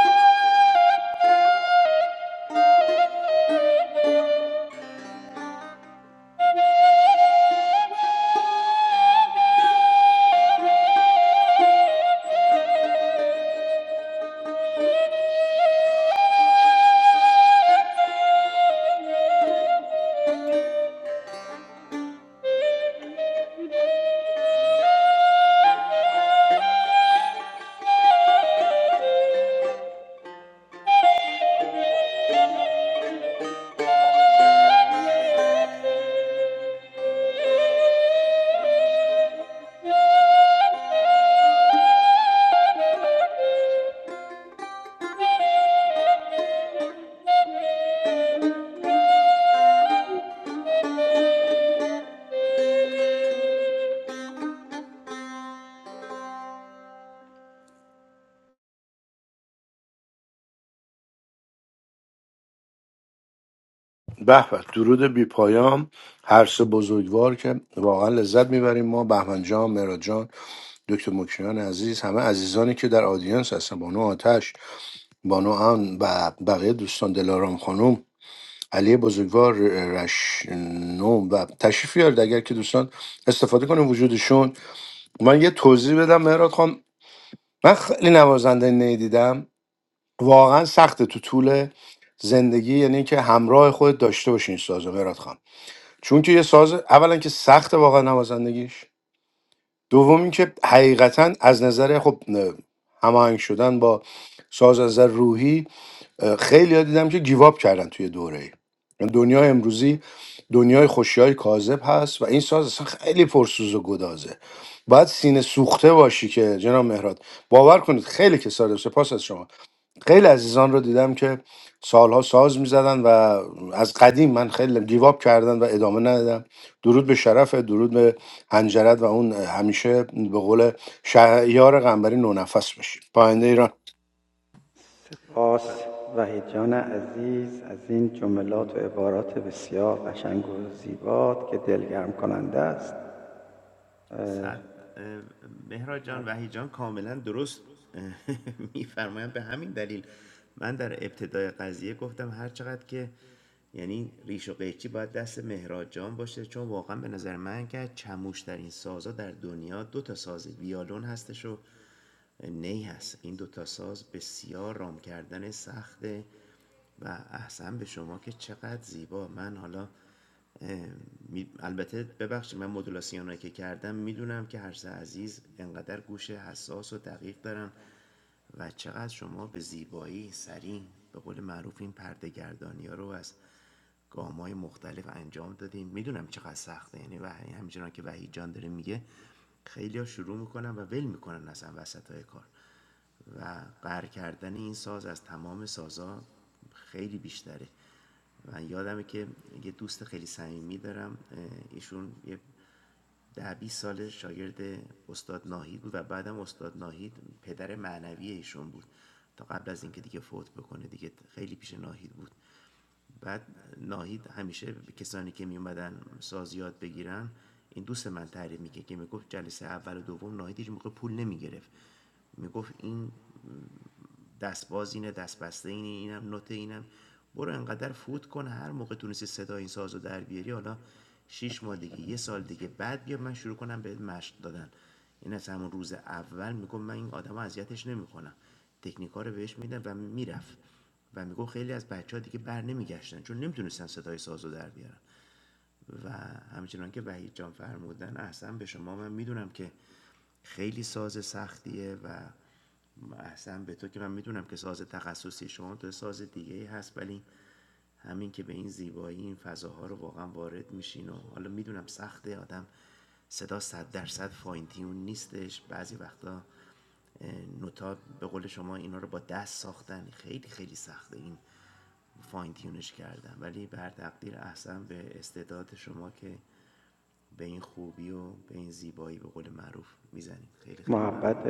B: به به درود بی پایام هر سه بزرگوار که واقعا لذت میبریم ما بهمن جان مراد جان دکتر مکیان عزیز همه عزیزانی که در آدینس هستن بانو آتش بانو ان و بقیه دوستان دلارام خانم علی بزرگوار رشنوم و تشریف بیارید اگر که دوستان استفاده کنیم وجودشون من یه توضیح بدم مهراد خان من خیلی نوازنده نی دیدم واقعا سخته تو طول زندگی یعنی که همراه خود داشته باشین سازو مهراد خان چون که یه ساز اولا که سخته واقعا نوازندگیش دوم اینکه حقیقتا از نظر خب نه، هماهنگ شدن با ساز از نظر روحی خیلی ها دیدم که گیواب کردن توی دوره ای. دنیای امروزی دنیای خوشی های کاذب هست و این ساز اصلا خیلی پرسوز و گدازه باید سینه سوخته باشی که جناب مهراد باور کنید خیلی کساد سپاس از شما خیلی عزیزان رو دیدم که سالها ساز میزدن و از قدیم من خیلی گیواب کردن و ادامه ندادم درود به شرف درود به هنجرت و اون همیشه به قول شهیار قنبری نونفس باشید
D: صد مهراد جان وحی جان کاملا درست میفرمایند به همین دلیل من در ابتدای قضیه گفتم هر چقدر که یعنی ریش و قیچی باید دست مهراد جان باشه چون واقعا به نظر من که چموش در این سازا در دنیا دو تا ساز ویالون هستش و نی هست این دو تا ساز بسیار رام کردن سخته و احسن به شما که چقدر زیبا من حالا اه، می- البته ببخشید من مدولاسیون که کردم میدونم که هر سه عزیز انقدر گوش حساس و دقیق دارن و چقدر شما به زیبایی سریع به قول معروف این پرده گردانی ها رو از گام های مختلف انجام دادیم میدونم چقدر سخته یعنی و همچنان که وحید جان داره میگه خیلی ها شروع میکنن و ول میکنن اصلا وسط های کار و قهر کردن این ساز از تمام سازا خیلی بیشتره من یادمه که یه دوست خیلی صمیمی دارم ایشون یه ده 20 سال شاگرد استاد ناهید بود و بعدم استاد ناهید پدر معنوی ایشون بود تا قبل از اینکه دیگه فوت بکنه دیگه خیلی پیش ناهید بود بعد ناهید همیشه کسانی که می اومدن ساز یاد بگیرن این دوست من تعریف میگه که میگفت جلسه اول و دوم ناهید هیچ موقع پول نمیگرفت میگفت این دستباز اینه دستبسته اینه اینم نوت اینم برو انقدر فوت کن هر موقع تونستی صدا این سازو در بیاری حالا شیش ماه دیگه یه سال دیگه بعد بیا من شروع کنم بهت مشق دادن این از همون روز اول میگم من این آدم اذیتش نمیکنم تکنیکا رو بهش میدم و میرفت و میگو خیلی از بچه ها دیگه بر نمیگشتن چون نمیتونستن صدای سازو در بیارن و همچنان که وحید جان فرمودن اصلا به شما من میدونم که خیلی ساز سختیه و احسن به تو که من میدونم که ساز تخصصی شما تو ساز دیگه ای هست ولی همین که به این زیبایی این فضاها رو واقعا وارد میشین و حالا میدونم سخته آدم صدا صد درصد فاین تیون نیستش بعضی وقتا نوتا به قول شما اینا رو با دست ساختن خیلی خیلی سخته این فاین تیونش کردن ولی بر تقدیر احسن به استعداد شما که به این خوبی و به این زیبایی به قول معروف میزنید خیلی خیلی ممنون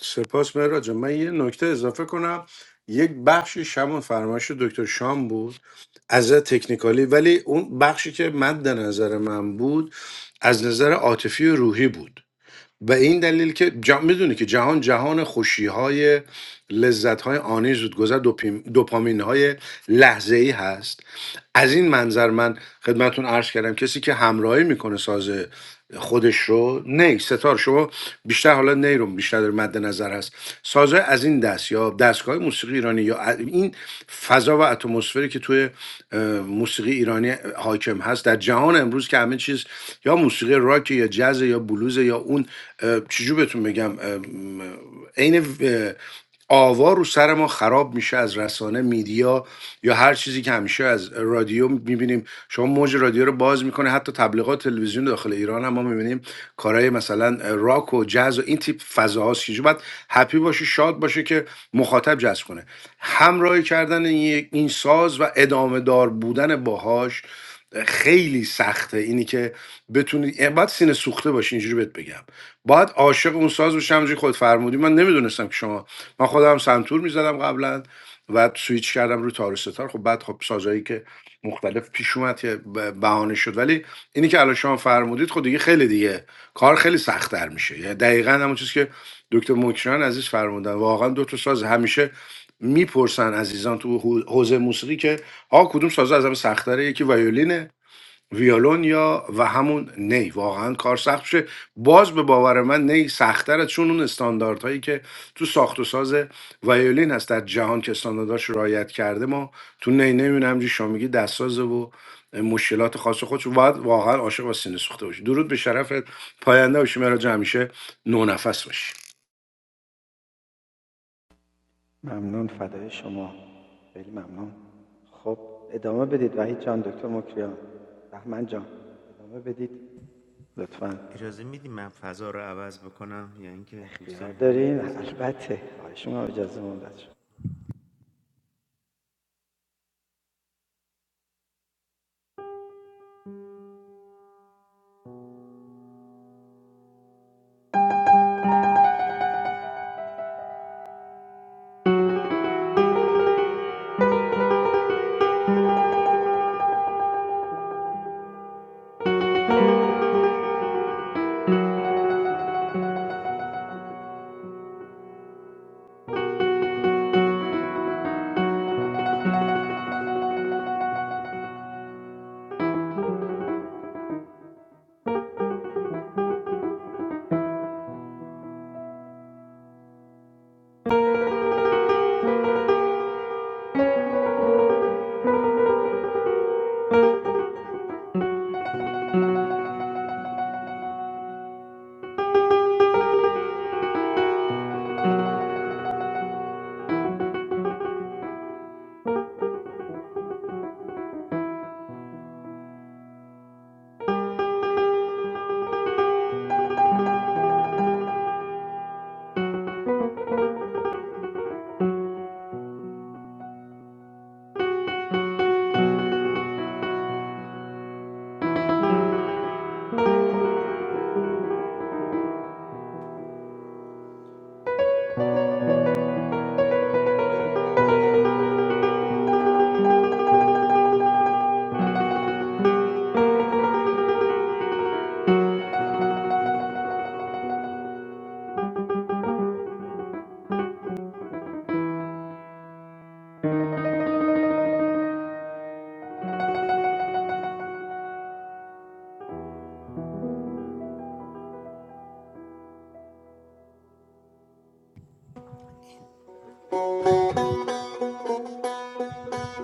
B: سپاس مهراد جان. من یه نکته اضافه کنم یک بخشی همون فرمایش دکتر شام بود از نظر تکنیکالی ولی اون بخشی که مد نظر من بود از نظر عاطفی و روحی بود و این دلیل که جا... میدونی که جهان جهان خوشی های لذت های آنی زودگذر دوپیم... دوپامین های لحظه ای هست از این منظر من خدمتون عرض کردم کسی که همراهی میکنه ساز خودش رو نی ستار شما بیشتر حالا نی رو بیشتر در مد نظر هست سازهای از این دست یا دستگاه موسیقی ایرانی یا ا- این فضا و اتمسفری که توی اه، موسیقی ایرانی حاکم هست در جهان امروز که همه چیز یا موسیقی راک یا یا جز یا بلوز یا اون اه، چجور بهتون بگم ام، عین آوا رو سر ما خراب میشه از رسانه میدیا یا هر چیزی که همیشه از رادیو میبینیم شما موج رادیو رو باز میکنه حتی تبلیغات تلویزیون داخل ایران هم ما میبینیم کارهای مثلا راک و جاز و این تیپ فضاهاست که باید هپی باشه شاد باشه که مخاطب جذب کنه همراهی کردن این این ساز و ادامه دار بودن باهاش خیلی سخته اینی که بتونی اه، سینه سوخته باشی اینجوری بهت بگم باید عاشق اون ساز باشی همونجوری خود فرمودی من نمیدونستم که شما من خودم سنتور میزدم قبلا و سویچ کردم رو تار و ستار خب بعد خب سازایی که مختلف پیش اومد که ب- بهانه شد ولی اینی که الان شما فرمودید خب دیگه خیلی دیگه کار خیلی سختتر میشه یعنی دقیقا همون چیزی که دکتر مکران عزیز فرمودن واقعا دو تا ساز همیشه میپرسن عزیزان تو حو- حوزه موسیقی که آ کدوم ساز از همه سخت‌تره یکی ویولینه ویولون یا و همون نی واقعا کار سخت میشه باز به باور من نی سختتره چون اون استانداردهایی که تو ساخت و ساز ویولین هست در جهان که استاندارداش رعایت کرده ما تو نی نمیدونم همینجوری شما میگی دستسازه و مشکلات خاص خودش باید واقعا عاشق و سینه سوخته باشی درود به شرفت پاینده باشی مراج همیشه نونفس باشی
D: اجازه میدیم من فضا رو عوض بکنم یا اینکه دوست دارین همین فضا رو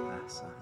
D: احسن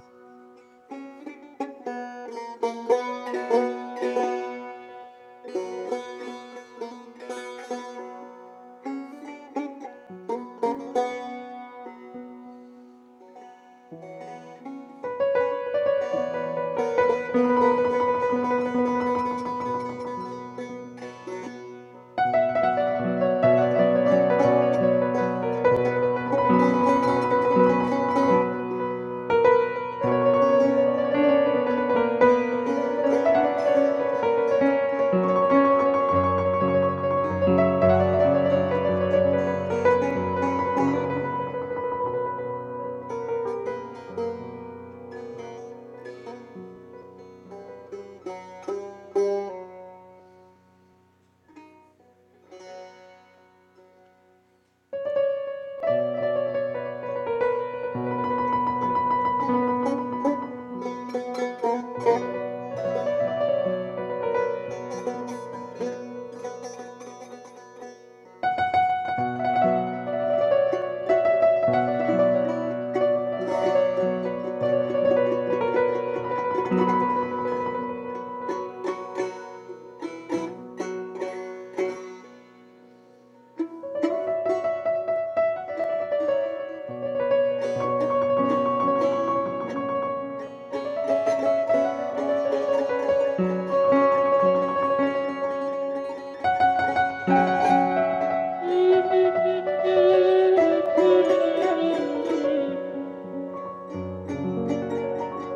C: Thank you.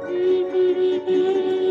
C: Thank you.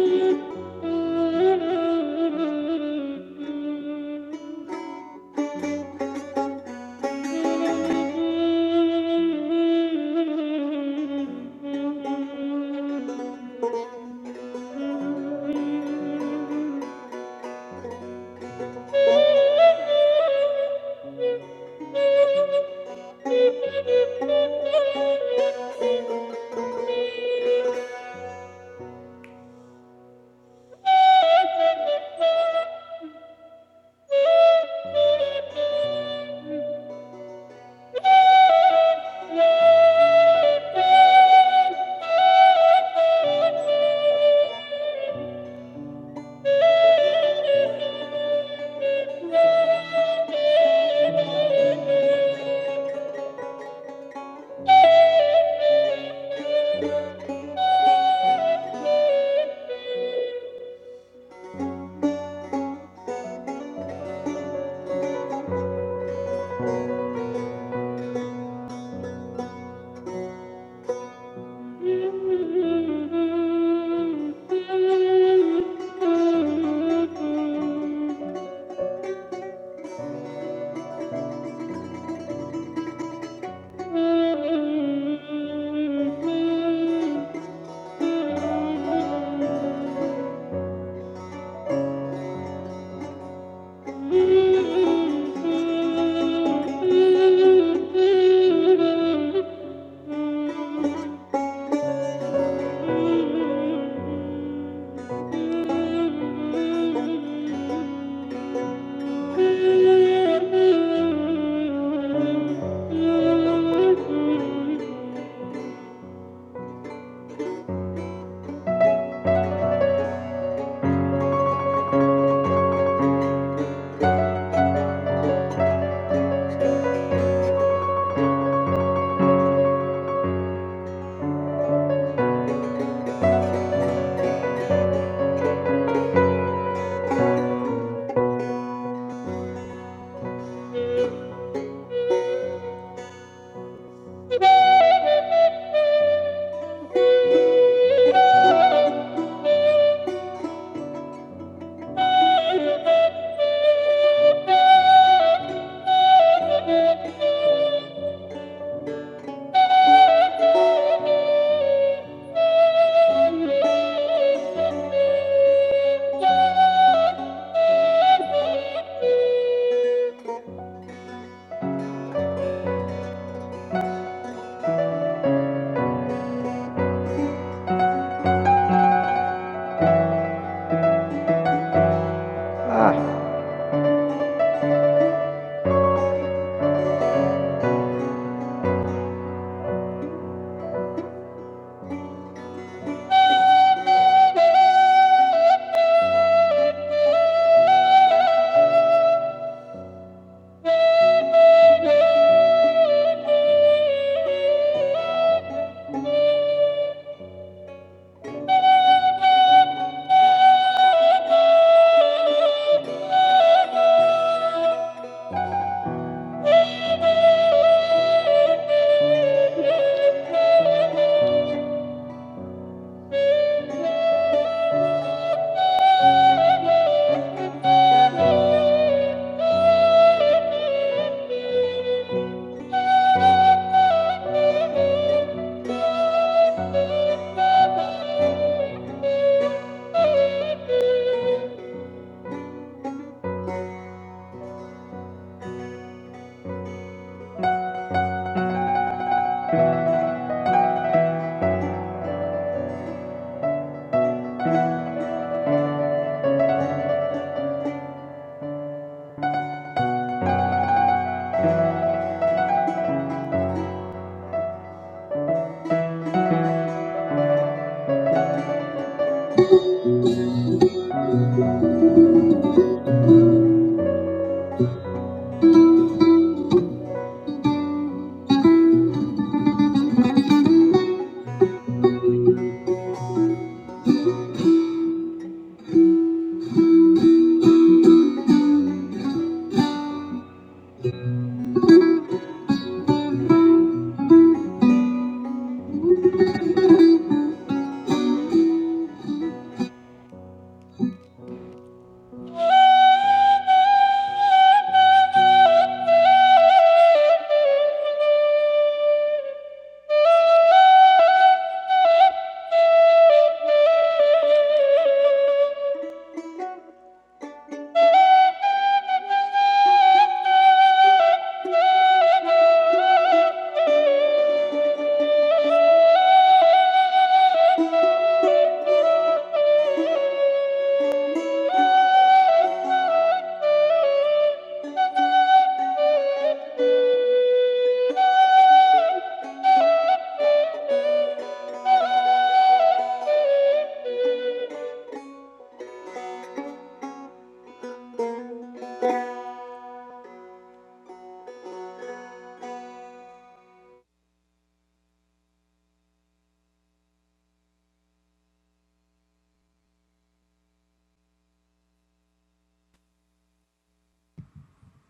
C: Thank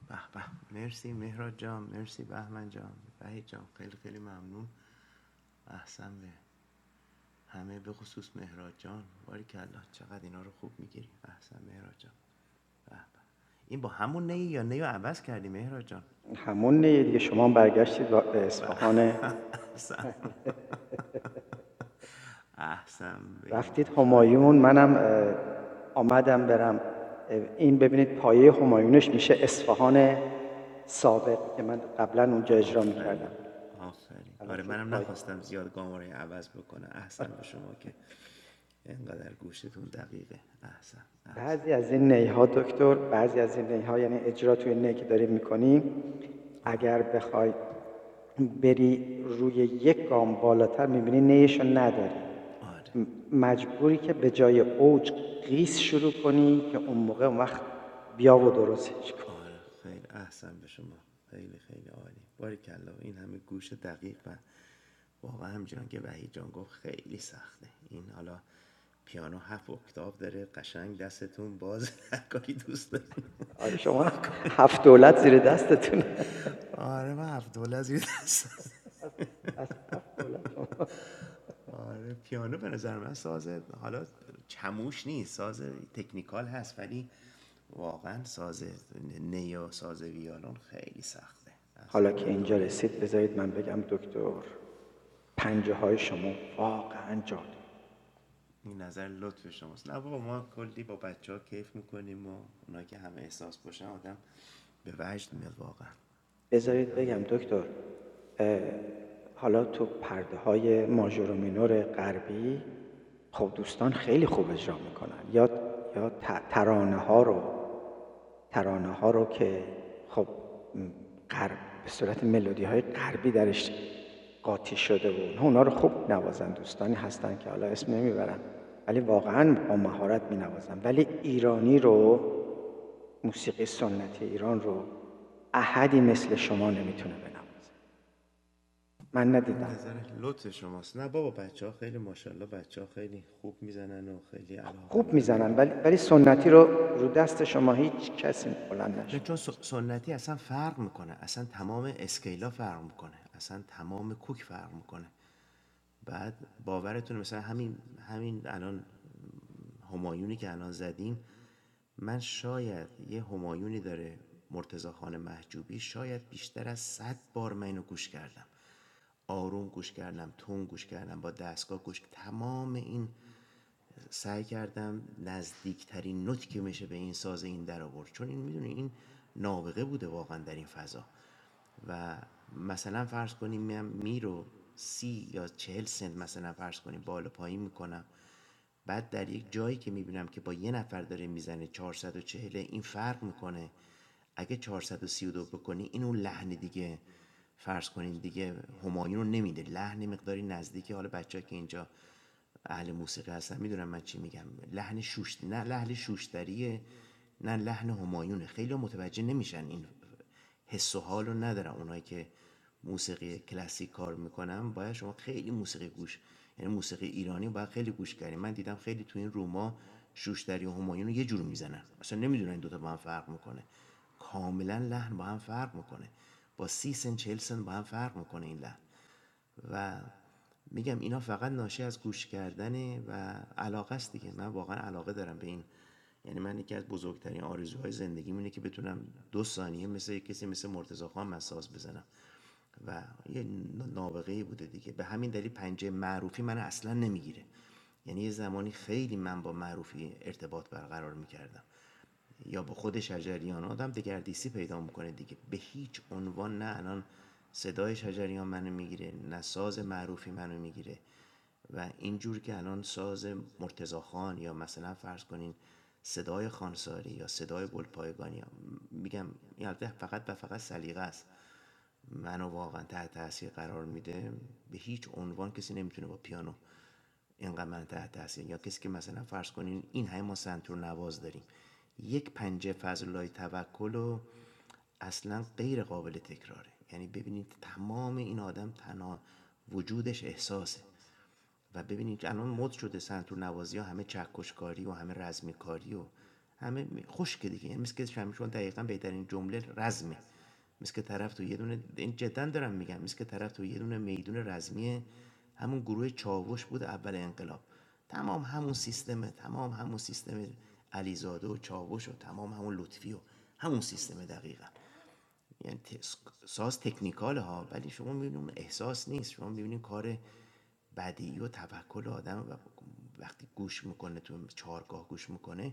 D: به به مرسی مهراد جان مرسی بهمن جان وحید جان خیلی خیلی ممنون احسن به همه به خصوص مهراد جان باریکلا چقدر اینا رو خوب میگیری احسن مهراد جان به به. این با همون نی یا نیو عوض کردی مهراد جان به احسن احسن به این گوش های دقیق آفرین آفرین آره منم نخواستم زیاد گامارای عوض بکنم احسن به شما که اینقدر گوشتون دقیقه احسن احسن آره آره خیلی احسن به شما خیلی خیلی عالی باری کلا این همه گوش دقیق و واقعا همچنان که وحید جان گفت خیلی سخته این حالا پیانو هفت اکتاف داره قشنگ دستتون باز هر کاری دوست دارید آره من هفت دوله از یه دست آره پیانو به نظر من ساز حالا چموش نیست ساز تکنیکال هست ولی واقعا ساز نیا ساز ویالون خیلی سخته اصلا یه دنیای دیگه است این نظر لطف شماست نه بابا ما کلی با بچه ها کیف میکنیم و اونا که همه احساس باشن آدم به وجد میاد واقعا این همه این نظر لطف شماست نه بابا بچه ها خیلی ماشاءالله بچه ها خیلی خوب میزنن و خیلی علاقه من نه چون س- سنتی اصلا فرق میکنه اصلا تمام اسکیلا فرق میکنه اصلا تمام کوک فرق میکنه بعد باورتون مثلا همین همین الان همایونی که الان زدیم من شاید یه همایونی داره مرتضی خان محجوبی شاید بیشتر از صد بار من اینو گوش کردم آروم گوش کردم تون گوش کردم با دستگاه گوش تمام این سعی کردم نزدیکترین نوتی که میشه به این ساز این در آورد چون این میدونی این نابغه بوده واقعا در این فضا و مثلا فرض کنیم من می رو سی یا چهل سنت مثلا فرض کنیم بالا پایین میکنم بعد در یک جایی که میبینم که با یه نفر داره میزنه چهارصد و چهل این فرق میکنه اگه چهارصد و و سی و دو بکنی این اون لحن دیگه فرض کنین دیگه همایون رو نمیده لحن مقداری نزدیکی حالا بچه که اینجا اهل موسیقی هستن میدونم من چی میگم لحن شوش نه لحن شوشتریه نه لحن همایونه خیلی متوجه نمیشن این حس و حال رو ندارن اونایی که موسیقی کلاسیک کار میکنن باید شما خیلی موسیقی گوش یعنی موسیقی ایرانی باید خیلی گوش کردیم من دیدم خیلی تو این روما شوشتری و همایون رو یه جور میزنن اصلا نمیدونن این دوتا با هم فرق میکنه کاملا لحن با هم فرق میکنه با سی سن چهل سن با هم فرق میکنه این لحن و میگم اینا فقط ناشی از گوش کردنه و علاقه است دیگه من واقعا علاقه دارم به این یعنی من یکی از بزرگترین آرزوهای زندگی اینه که بتونم دو ثانیه مثل کسی مثل مرتضی خان مساز بزنم و یه نابغه بوده دیگه به همین دلیل پنجه معروفی من اصلا نمیگیره یعنی یه زمانی خیلی من با معروفی ارتباط برقرار میکردم یا با خود شجریان آدم دگردیسی پیدا میکنه دیگه به هیچ عنوان نه الان صدای شجریان منو میگیره نه ساز معروفی منو میگیره و اینجور که الان ساز مرتزا خان یا مثلا فرض کنین صدای خانساری یا صدای گلپایگانی میگم این البته فقط و فقط سلیقه است منو واقعا تحت تاثیر قرار میده به هیچ عنوان کسی نمیتونه با پیانو اینقدر من تحت تاثیر یا کسی که مثلا فرض کنین این همه ما سنتور نواز داریم یک پنجه فضل الله توکل و اصلا غیر قابل تکراره یعنی ببینید تمام این آدم تنها وجودش احساسه و ببینید الان مد شده سنتور نوازی ها همه چکشکاری و همه رزمیکاری و همه خشک دیگه یعنی مثل که شمشون دقیقا بهترین جمله رزمه مثل که طرف تو یه دونه این جدا دارم میگم مثل که طرف تو یه دونه میدون رزمی همون گروه چاوش بود اول انقلاب تمام همون سیستمه تمام همون سیستم علیزاده و چاوش و تمام همون لطفی و همون سیستم دقیقا یعنی ساز تکنیکال ها ولی شما میبینید احساس نیست شما میبینید کار بدیعی و تفکر آدم و وقتی گوش میکنه تو چهارگاه گوش میکنه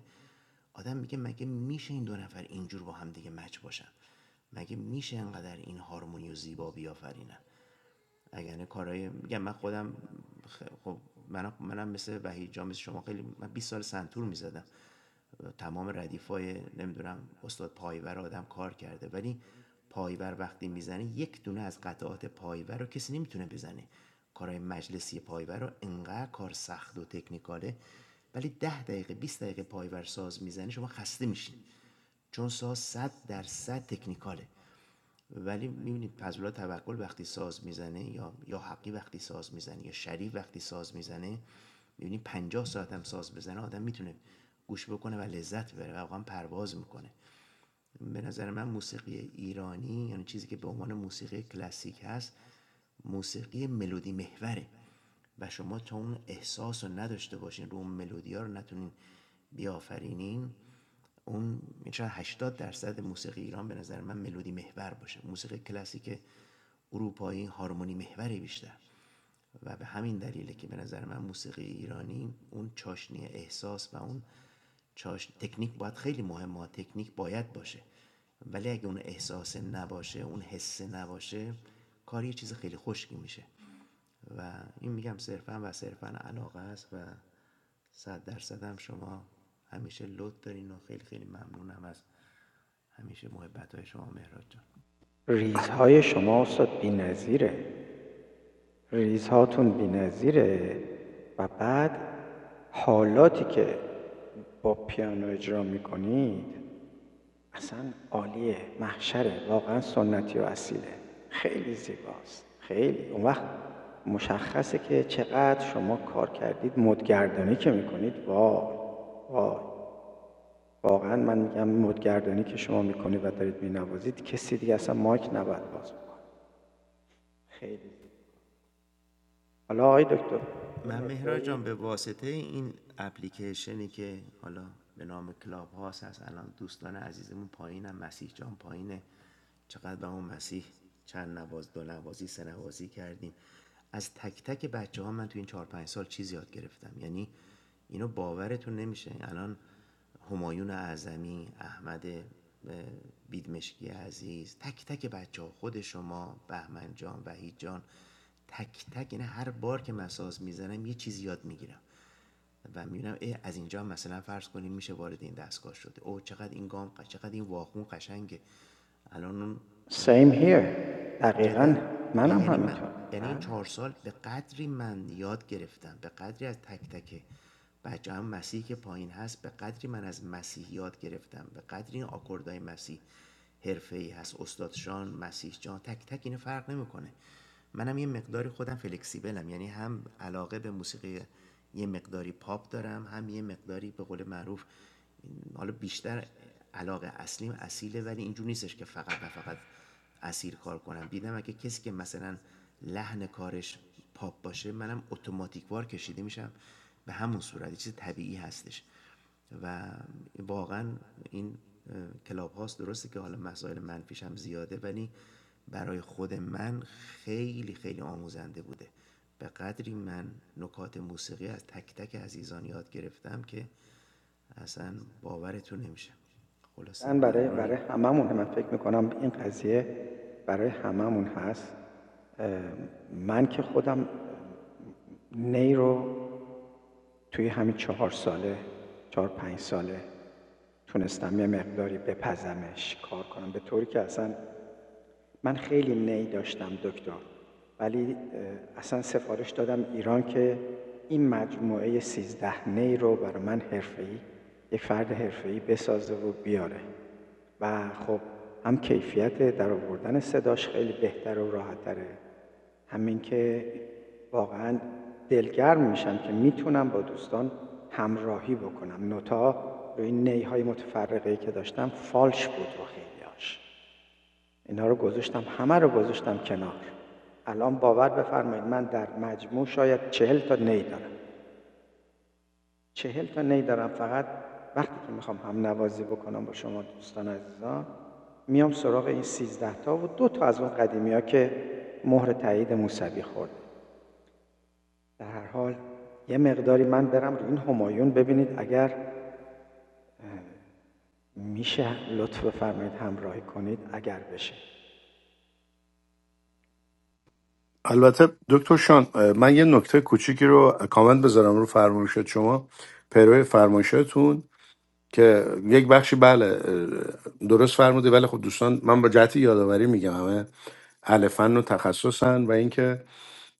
D: آدم میگه مگه میشه این دو نفر اینجور با هم دیگه مچ باشن مگه میشه انقدر این هارمونی و زیبا بیافرینن اگر کارهای میگم من خودم خب منم منم مثل وحید جان مثل شما خیلی من 20 سال سنتور میزدم تمام ردیفای نمیدونم استاد پایور آدم کار کرده ولی پایور وقتی میزنه یک دونه از قطعات پایور رو کسی نمیتونه بزنه کارهای مجلسی پایور رو انقدر کار سخت و تکنیکاله ولی 10 دقیقه 20 دقیقه پایور ساز میزنه شما خسته میشین چون ساز 100 درصد تکنیکاله ولی میبینید پزولا توکل وقتی ساز میزنه یا یا حقی وقتی ساز میزنه یا شریف وقتی ساز میزنه میبینی 50 ساعت هم ساز بزنه آدم میتونه گوش بکنه و لذت ببره و واقعا پرواز میکنه به نظر من موسیقی ایرانی یعنی چیزی که به عنوان موسیقی کلاسیک هست موسیقی ملودی محوره و شما تا اون احساس رو نداشته باشین رو اون ملودی ها رو نتونین بیافرینین اون یعنی شاید 80 درصد موسیقی ایران به نظر من ملودی محور باشه موسیقی کلاسیک اروپایی هارمونی محوره بیشتر و به همین دلیله که به نظر من موسیقی ایرانی اون چاشنی احساس و اون چاشن تکنیک باید خیلی مهمه تکنیک باید باشه ولی اگه اون احساس نباشه اون حس نباشه کاری چیز خیلی خشکی میشه و این میگم صرفا و صرفا علاقه است و صد درصد هم شما همیشه لط دارین و خیلی خیلی ممنونم از همیشه محبت های شما مهراد من مهران جان به واسطه این اپلیکیشنی که حالا به نام کلاب هاست هست الان دوستان عزیزمون پایینم مسیح جان پایینه چقدر به اون مسیح چند نواز دو نوازی سه نوازی کردیم از تک تک بچه ها من تو این چهار پنج سال چیز یاد گرفتم یعنی اینو باورتون نمیشه الان همایون اعظمی احمد بیدمشکی عزیز تک تک بچه ها خود شما بهمن جان وحید جان تک تک این هر بار که مساز میزنم یه چیزی یاد میگیرم و میبینم از اینجا مثلا فرض کنیم میشه وارد این دستگاه شده او چقدر این گام چقدر این واخون قشنگه الان اون جدا یعنی من یعنی این چهار سال به قدری من یاد گرفتم به قدری از تک تک بچه هم مسیح که پایین هست به قدری من از مسیح یاد گرفتم به قدری این آکوردهای مسیح حرفه ای هست استاد مسیح جان تک تک اینو فرق نمیکنه منم یه مقداری خودم فلکسیبلم یعنی هم علاقه به موسیقی یه مقداری پاپ دارم هم یه مقداری به قول معروف این- حالا بیشتر علاقه اصلیم اصیله ولی اینجور نیستش که فقط و فقط اسیر کار کنم دیدم اگه کسی که مثلا لحن کارش پاپ باشه منم اتوماتیک وار کشیده میشم به همون صورت یه چیز طبیعی هستش و واقعا این کلاب هاست درسته که حالا مسائل منفیش هم زیاده ولی برای خود من خیلی خیلی آموزنده بوده به قدری من نکات موسیقی از تک تک عزیزان یاد گرفتم که اصلا باورتون نمیشه خلاصه ممنونیم
B: البته دکتر شان من یه نکته کوچیکی رو کامنت بذارم رو فرمایشات شما پیرو فرمایشاتون که یک بخشی بله درست فرمودی ولی خب دوستان من با جهت یادآوری میگم همه اهل فن و تخصصن و اینکه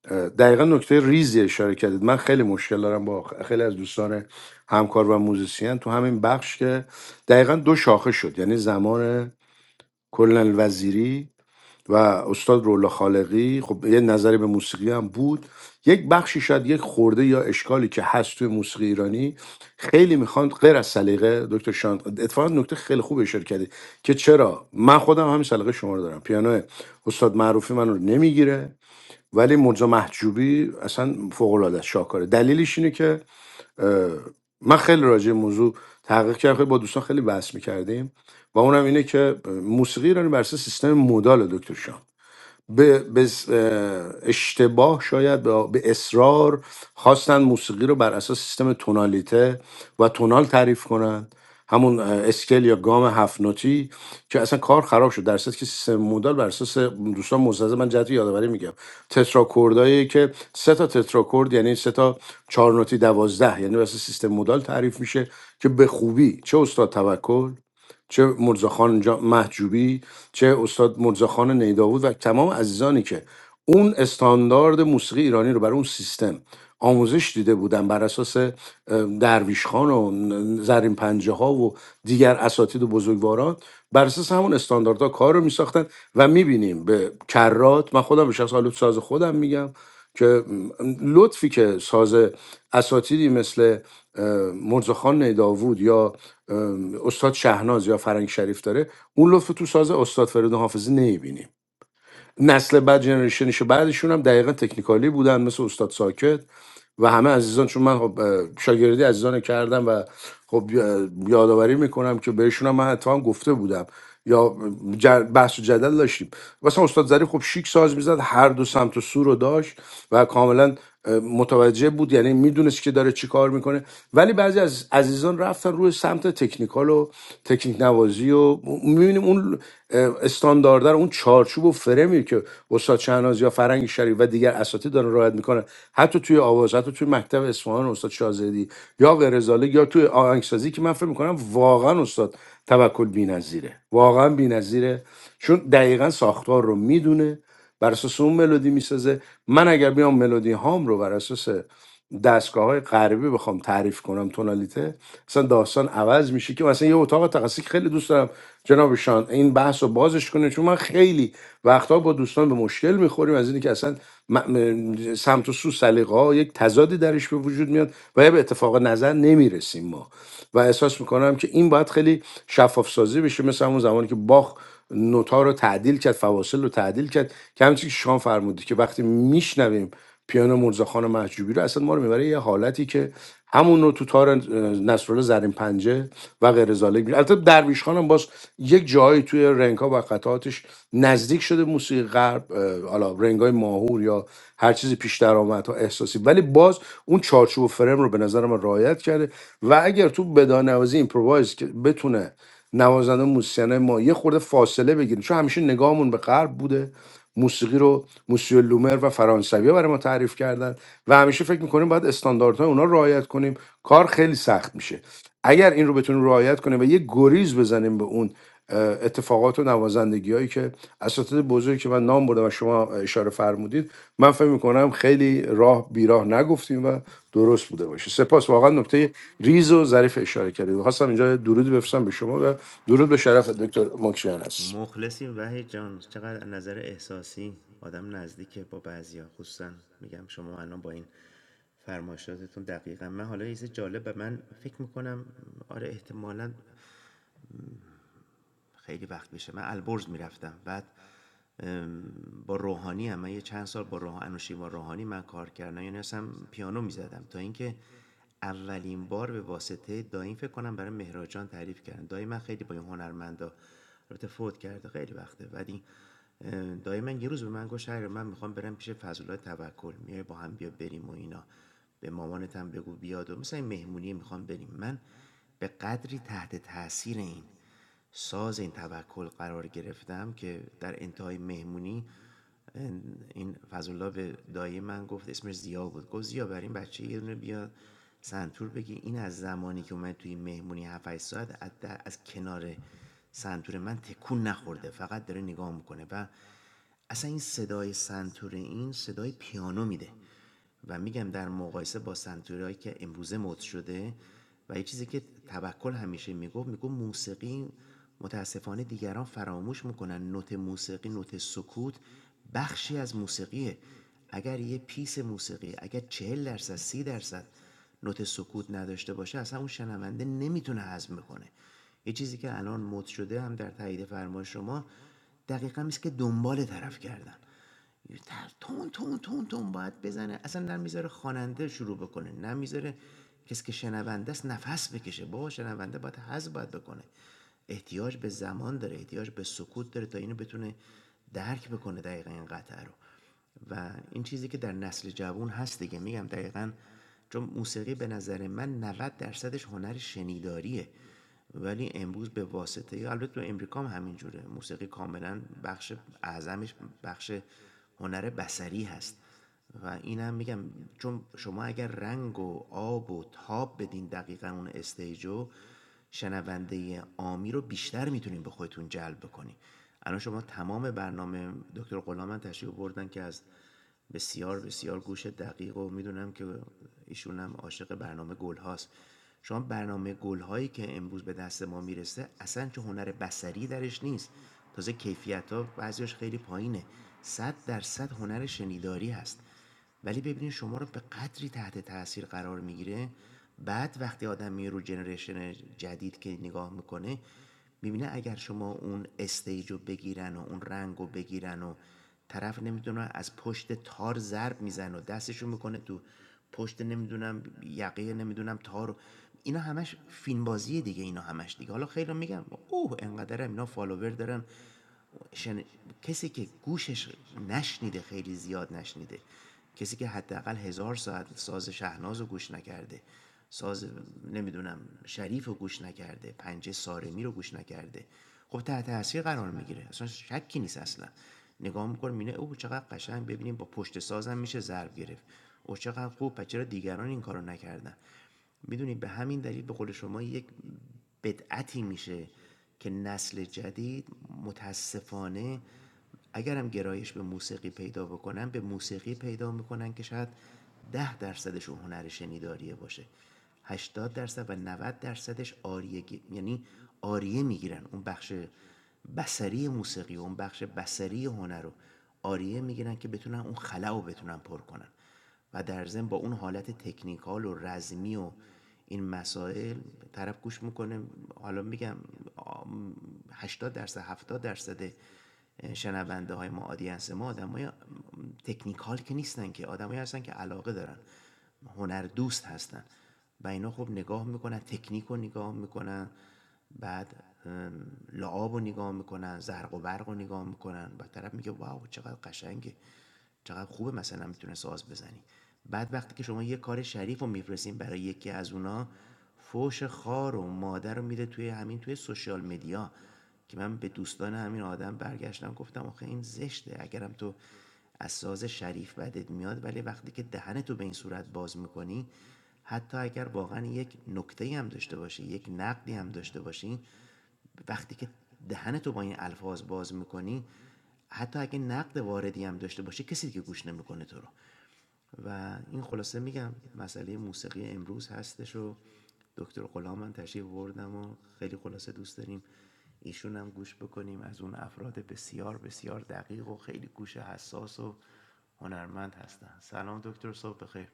B: اه، دقیقا نکته ریزی اشاره کردید من خیلی مشکل دارم با خ- خیلی از دوستان همکار و موزیسین تو همین بخش که دقیقا دو شاخه شد یعنی زمان کلن وزیری و استاد رولا خالقی خب یه نظری به موسیقی هم بود یک بخشی شاید یک خورده یا اشکالی که هست توی موسیقی ایرانی خیلی میخوان غیر از سلیقه دکتر شانت اتفاقا نکته خیلی خوب اشاره کردی که چرا من خودم همین سلیقه شما رو دارم پیانو استاد معروفی من رو نمیگیره ولی مرزا محجوبی اصلا فوق العاده شاکاره دلیلش اینه که اه، من خیلی راجع به موضوع تحقیق کردم خیلی با دوستان خیلی بحث میکردیم و اونم اینه که موسیقی ایرانی بر اساس سیستم مودال دکتر شاه. به, به س- اه، اشتباه شاید به به اصرار خواستن موسیقی رو بر اساس سیستم تونالیته و تونال تعریف کنند همون اه، اسکل یا گام هفت نوتی که اصلا کار خراب شد در صورتی که سیستم مودال بر اساس دوستان مستزه من جهت یادآوری میگم تتراکوردایی که سه تا تتراکورد یعنی سه تا چهار نوتی دوازده یعنی بر اساس سیستم مودال تعریف میشه که به خوبی چه استاد توکل چه مرزاخان جا- محجوبی چه استاد مرزاخان نیداود و تمام عزیزانی که اون استاندارد موسیقی ایرانی رو برای اون سیستم آموزش دیده بودن بر اساس اه، درویش خان و زرین پنجه ها و دیگر اساتید و بزرگواران بر اساس همون استانداردها کار رو میساختن و میبینیم به کرات من خودم به شخص آلوت ساز خودم میگم که م، لطفی که ساز اساتیدی مثل اه، مرزاخان نیداوود یا اه، استاد شهناز یا فرنگ شریف داره اون لطف تو ساز استاد فرید حافظی نمیبینیم نسل بعد جنریشنش بعدشون هم دقیقا تکنیکالی بودن مثل استاد ساکت و همه عزیزان چون من خب اه، شاگردی عزیزان کردم و خب اه، یادآوری میکنم که بهشون هم من اتفاقا گفته بودم یا جر- بحث و جدل داشتیم مثلا استاد ظریف خب شیک ساز میزد هر دو سمت و سو رو داشت و کاملا اه، متوجه بود یعنی میدونست که داره چی کار میکنه ولی بعضی از عزیزان رفتن روی سمت تکنیکال و تکنیک نوازی و میبینیم اون اون اه، رو اون چارچوب و فرمی که استاد شهناز یا فرنگ شریف و دیگر اساتید دارن رعایت میکنن حتی توی آواز حتی توی مکتب اصفهان استاد شازدی یا غیرزاله یا توی آهنگسازی که من فکر میکنم واقعا استاد توکل بی‌نظیره واقعا بی‌نظیره چون دقیقا ساختار رو میدونه بر اساس اون ملودی میسازه من اگر بیام ملودی هام رو بر اساس دستگاه های غربی بخوام تعریف کنم تونالیته اصلا داستان عوض میشه که مثلا یه اتاق تخصصی خیلی دوست دارم جناب شان این بحث رو بازش کنه چون من خیلی وقتها با دوستان به مشکل میخوریم از اینکه اصلا م- م- سمت و سو سلیقه ها یک تضادی درش به وجود میاد و یا به اتفاق نظر نمیرسیم ما و احساس میکنم که این باید خیلی شفاف سازی بشه مثل اون زمانی که باخ نوتا رو تعدیل کرد فواصل رو تعدیل کرد که همچنین که شان فرمودی که وقتی میشنویم پیانو مرزاخان محجوبی رو اصلا ما رو میبره یه حالتی که همون رو تو تار اه، نصرالله زرین پنجه و غیر زاله می- البته درویش خانم باز یک جایی توی رنگا و قطعاتش نزدیک شده موسیقی غرب اه، حالا رنگای ماهور یا هر چیزی پیش درآمد ها احساسی ولی باز اون چارچوب و فرم رو به نظر من رعایت کرده و اگر تو بدانوازی ایمپرووایز که بتونه نوازنده موسیقین ما یه خورده فاصله بگیریم چون همیشه نگاهمون به غرب بوده موسیقی رو موسیو لومر و فرانسوی برای ما تعریف کردن و همیشه فکر میکنیم باید استانداردهای اونا رو رعایت کنیم کار خیلی سخت میشه اگر این رو بتونیم رعایت کنیم و یه گریز بزنیم به اون اه، اتفاقات و نوازندگی هایی که اساتید بزرگی که من نام بردم و شما اشاره فرمودید من فکر میکنم خیلی راه بیراه نگفتیم و درست بوده باشه سپاس واقعا نکته ریز و ظریف اشاره کردید خواستم اینجا درودی بفرستم به شما و درود به شرف دکتر مکشیان هست
D: مخلصیم وحید جان چقدر نظر احساسی آدم نزدیکه با بعضیا خصوصا میگم شما الان با این فرمایشاتتون دقیقا من حالا یه چیز جالب به من فکر میکنم آره احتمالا خیلی وقت میشه من البرز میرفتم بعد با روحانی هم من یه چند سال با روح... انوشی با روحانی من کار کردم یعنی اصلا پیانو میزدم تا اینکه اولین بار به واسطه دایم فکر کنم برای مهراجان تعریف کردن دایی من خیلی با این هنرمندا البته فوت کرده خیلی وقته بعد این دایی من یه روز به من گفت شهر من میخوام برم پیش فضلالله توکل میای با هم بیا بریم و اینا به مامانت هم بگو بیاد و مثلا مهمونی میخوام بریم من به قدری تحت تاثیر این ساز این توکل قرار گرفتم که در انتهای مهمونی این فضلالله به دایی من گفت اسمش زیا بود گفت زیا بر این بچه یه دونه بیاد سنتور بگی این از زمانی که اومد توی مهمونی 7 ساعت از, از کنار سنتور من تکون نخورده فقط داره نگاه میکنه و اصلا این صدای سنتور این صدای پیانو میده و میگم در مقایسه با سنتوریایی که امروزه مد شده و یه چیزی که توکل همیشه میگفت میگفت موسیقی متاسفانه دیگران فراموش میکنن نوت موسیقی نوت سکوت بخشی از موسیقیه اگر یه پیس موسیقی اگر چهل درصد سی درصد نوت سکوت نداشته باشه اصلا اون شنونده نمیتونه هضم کنه یه چیزی که الان مد شده هم در تایید فرمای شما دقیقا میشه که دنبال طرف کردن یه تون تون تون تون باید بزنه اصلا نمیذاره خواننده شروع بکنه نمیذاره کسی که شنونده است نفس بکشه بابا شنونده باید حز باید بکنه احتیاج به زمان داره احتیاج به سکوت داره تا اینو بتونه درک بکنه دقیقا این قطعه رو و این چیزی که در نسل جوان هست دیگه میگم دقیقا چون موسیقی به نظر من 90 درصدش هنر شنیداریه ولی امروز به واسطه البته تو امریکا هم همینجوره موسیقی کاملا بخش اعظمش بخش هنر بسری هست و این هم میگم چون شما اگر رنگ و آب و تاب بدین دقیقاً اون استیجو شنونده عامی رو بیشتر میتونین به خودتون جلب بکنین الان شما تمام برنامه دکتر غلامن تشریف بردن که از بسیار بسیار گوش دقیق و میدونم که ایشون هم عاشق برنامه گل هاست شما برنامه گل هایی که امروز به دست ما میرسه اصلا چه هنر بسری درش نیست تازه کیفیت ها بعضیش خیلی پایینه صد درصد هنر شنیداری هست ولی ببینید شما رو به قدری تحت تاثیر قرار میگیره بعد وقتی آدم میره رو جنریشن جدید که نگاه میکنه میبینه اگر شما اون استیج رو بگیرن و اون رنگ رو بگیرن و طرف نمیدونه از پشت تار ضرب میزنه و دستشو میکنه تو پشت نمیدونم یقه نمیدونم تار اینا همش فیلم بازیه دیگه اینا همش دیگه حالا خیلی میگم اوه انقدرم اینا فالوور دارن شن- کسی که گوشش نشنیده خیلی زیاد نشنیده کسی که حداقل هزار ساعت ساز شهناز رو گوش نکرده ساز نمیدونم شریف رو گوش نکرده پنجه سارمی رو گوش نکرده خب تحت تاثیر قرار میگیره اصلا شکی نیست اصلا نگاه میکنه مینه او چقدر قشنگ ببینیم با پشت سازم میشه ضرب گرفت او چقدر خوب پس چرا دیگران این کارو نکردن میدونید به همین دلیل به قول شما یک بدعتی میشه که نسل جدید متاسفانه اگرم گرایش به موسیقی پیدا بکنن به موسیقی پیدا میکنن که شاید ده درصدشون هنر شنیداریه باشه هشتاد درصد و 90 درصدش آریه گی- یعنی آریه میگیرن اون بخش بسری موسیقی اون بخش بسری هنر رو آریه میگیرن که بتونن اون خلا رو بتونن پر کنن و در ضمن با اون حالت تکنیکال و رزمی و این مسائل طرف گوش میکنه حالا میگم 80 درصد 70 درصد شنونده های ما آدینس ما آدم های تکنیکال که نیستن که آدمایی هستن که علاقه دارن هنر دوست هستن و اینا خب نگاه میکنن تکنیک رو نگاه میکنن بعد لعاب رو نگاه میکنن زرق و برق رو نگاه میکنن و طرف میگه واو چقدر قشنگه چقدر خوبه مثلا میتونه ساز بزنی بعد وقتی که شما یه کار شریف رو میفرستین برای یکی از اونا فوش خار و مادر رو میده توی همین توی سوشیال مدیا که من به دوستان همین آدم برگشتم گفتم آخه این زشته اگرم تو از ساز شریف بدت میاد ولی وقتی که دهن تو به این صورت باز میکنی حتی اگر واقعا یک نکته هم داشته باشی یک نقدی هم داشته باشی وقتی که دهن تو با این الفاظ باز میکنی حتی اگه نقد واردی هم داشته باشی کسی دیگه گوش نمیکنه تو رو و این خلاصه میگم مسئله موسیقی امروز هستش و دکتر غلام من تشریف بردم و خیلی خلاصه دوست داریم ایشون هم گوش بکنیم از اون افراد بسیار بسیار دقیق و خیلی گوش حساس و هنرمند هستن سلام دکتر صبح بخیر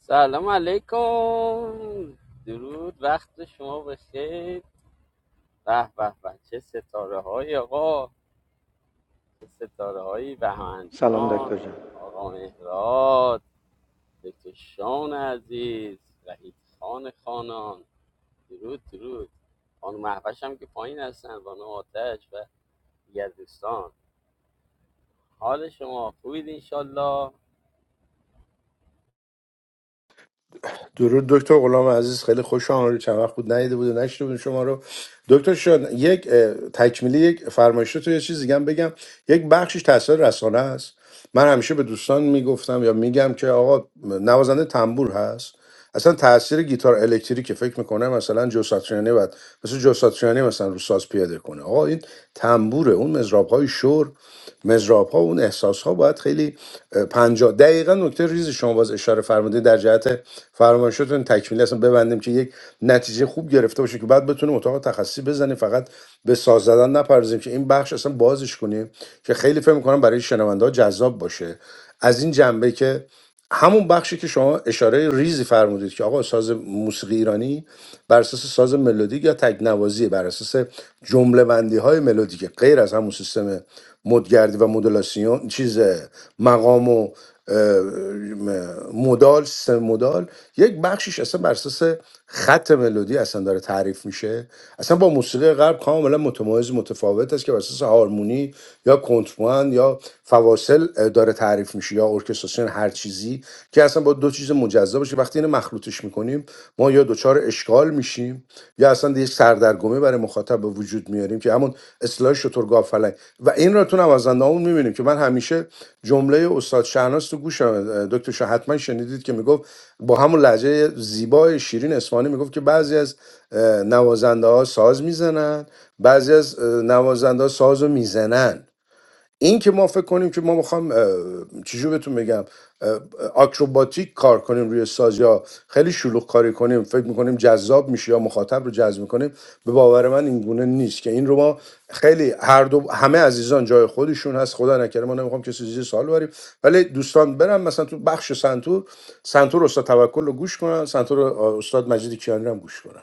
E: سلام علیکم درود وقت شما بخیر به به به چه ستاره های آقا چه ستاره هایی بهمن جان آقا مهراد دکتر شان عزیز وحید خان خانان درود درود خانم محوش هم که پایین هستن خانم آتش و دیگر دوستان حال شما خوبید انشالله
B: درود دکتر غلام عزیز خیلی خوش آمدید چند وقت بود ندیده بود و نشیده بودیم شما رو دکتر شان یک اه، تکمیلی یک فرمایش تو یه چیز دیگه هم بگم یک بخشش تاثیر رسانه است من همیشه به دوستان میگفتم یا میگم که آقا نوازنده تنبور هست اصلا تاثیر گیتار الکتریکه فکر میکنه مثلا جو ساتریانی بعد مثل جو ساتریانی مثلا رو ساز پیاده کنه آقا این تنبوره اون مزراب های شور مزراب ها اون احساس ها باید خیلی اه، پنجاه دقیقا نکته ریز شما باز اشاره فرمودید در جهت فرمایشتون تکمیلی اصلا ببندیم که یک نتیجه خوب گرفته باشه که بعد بتونیم اتاق تخصصی بزنیم فقط به ساز زدن نپردازیم که این بخش اصلا بازش کنیم که خیلی فکر میکنم برای شنونده ها جذاب باشه از این جنبه که همون بخشی که شما اشاره ریزی فرمودید که آقا ساز موسیقی ایرانی بر اساس ساز ملودیک یا تکنوازی بر اساس جمله بندی های ملودیک غیر از همون سیستم مدگردی و مدولاسیون چیز مقام و اه، مدال سیستم مدال یک بخشیش اصلا بر اساس خط ملودی اصلا داره تعریف میشه اصلا با موسیقی غرب کاملا متمایز متفاوت است که بر اساس هارمونی یا کنتربند یا فواصل داره تعریف میشه یا ارکستراسیون هر چیزی که اصلا با دو چیز مجزا باشه وقتی اینو مخلوطش میکنیم ما یا دچار اشکال میشیم یا اصلا یه سردرگمی برای مخاطب به وجود میاریم که همون اصطلاح شترگاه فلک و این را تو نوازنده‌هامون میبینیم که من همیشه جمله استاد شهناز تو گوشم دکتر شاه حتما شنیدید که میگفت با همون لحجه زیبای شیرین اسفانی میگفت که بعضی از نوازنده ها ساز میزنن بعضی از نوازنده ها ساز رو میزنن این که ما فکر کنیم که ما میخوام چجور بهتون بگم اه، آکروباتیک کار کنیم روی ساز یا خیلی شلوغ کاری کنیم فکر میکنیم جذاب میشه یا مخاطب رو جذب میکنیم به باور من این گونه نیست که این رو ما خیلی هر دو همه عزیزان جای خودشون هست خدا نکره ما نمیخوام کسی زیر سوال بریم ولی دوستان برم مثلا تو بخش سنتور سنتور استاد توکل رو گوش کنن سنتور استاد مجید کیانی رو هم گوش کنن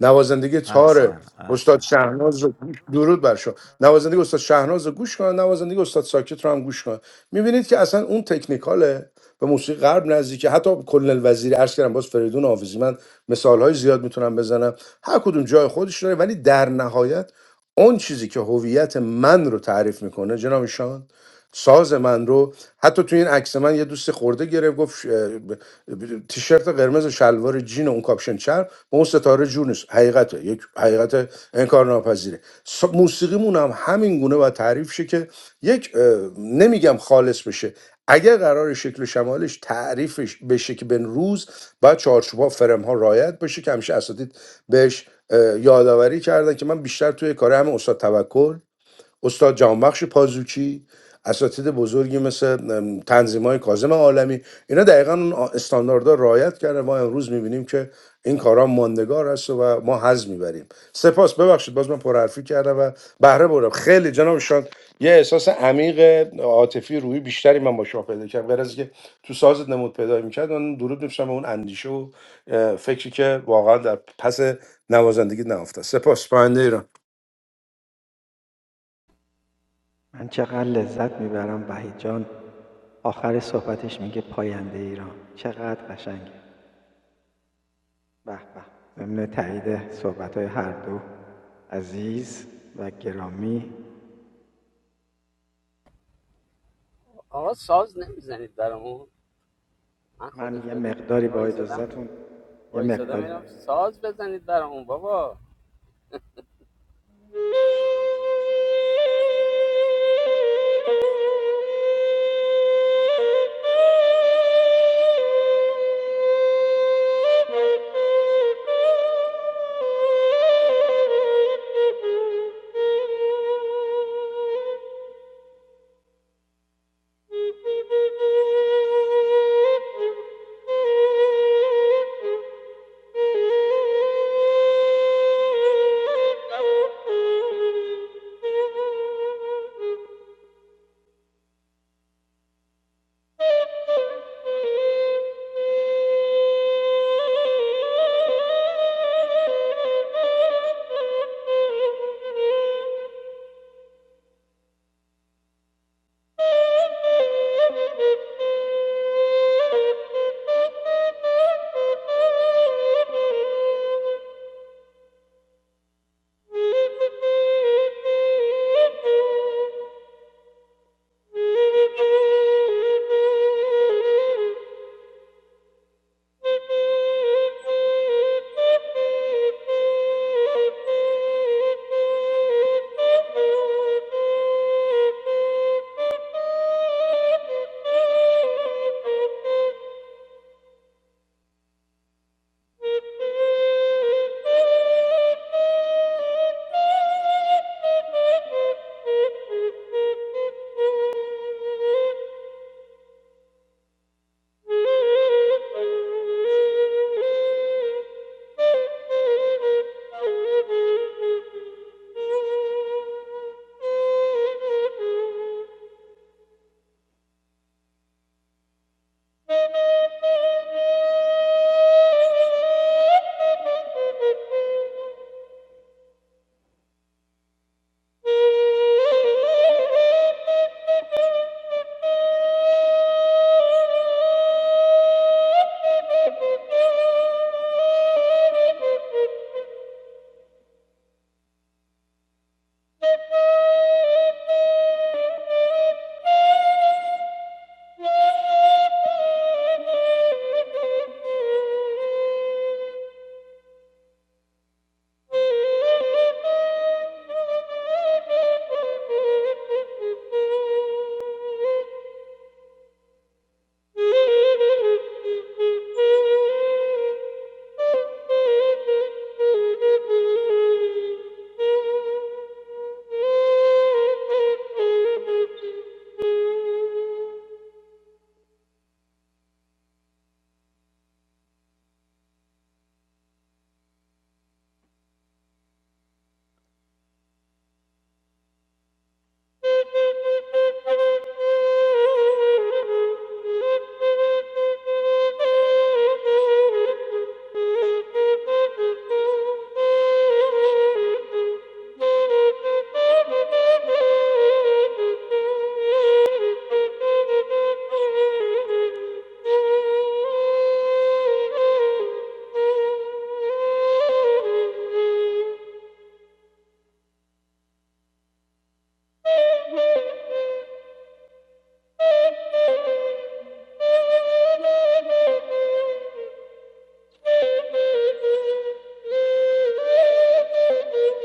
B: نوازندگی تار
D: احسن
B: استاد
D: احسن
B: شهناز رو گوش- درود بر شما نوازندگی استاد شهناز رو گوش کنن نوازندگی استاد ساکت رو هم گوش کنن میبینید که اصلا اون تکنیکاله به موسیقی غرب نزدیکه حتی کل الوزیری عرض کردم باز فریدون حافظی من مثال های زیاد میتونم بزنم هر کدوم جای خودش داره ولی در نهایت اون چیزی که هویت من رو تعریف میکنه جناب شان ساز من رو حتی توی این عکس من یه دوست خورده گرفت گفت اه، ب- ب- تیشرت قرمز و شلوار جین و اون کاپشن چرم ما اون ستاره جور نیست حقیقته یک حقیقت انکارناپذیره موسیقیمون هم همین گونه باید تعریف شه که یک اه، نمیگم خالص بشه اگر قرار شکل و شمالش تعریفش بشه که بن روز باید چارچوبها فرم ها رایت بشه که همیشه اساتید بهش اه، یادآوری کردن که من بیشتر توی کار هم استاد توکل استاد جهانبخش پازوکی اساتید بزرگی مثل تنظیم های کازم عالمی اینا دقیقا اون استانداردها رو رعایت کردن ما امروز میبینیم که این کارا ماندگار است و ما حظ میبریم سپاس ببخشید باز من پرحرفی کردم و بهره بردم خیلی جناب شان یه احساس عمیق عاطفی روحی بیشتری من با شما پیدا کردم غیر از که تو سازت نمود پیدا میکرد من درود میفشم به اون اندیشه و فکری که واقعا در پس نوازندگی نهفته است. سپاس پاینده ایران
E: آقا ساز نمیزنید برامون من خودش بده وایساده میرم ساز بزنید برامون بابا
C: Thank you. Thank you. Thank you.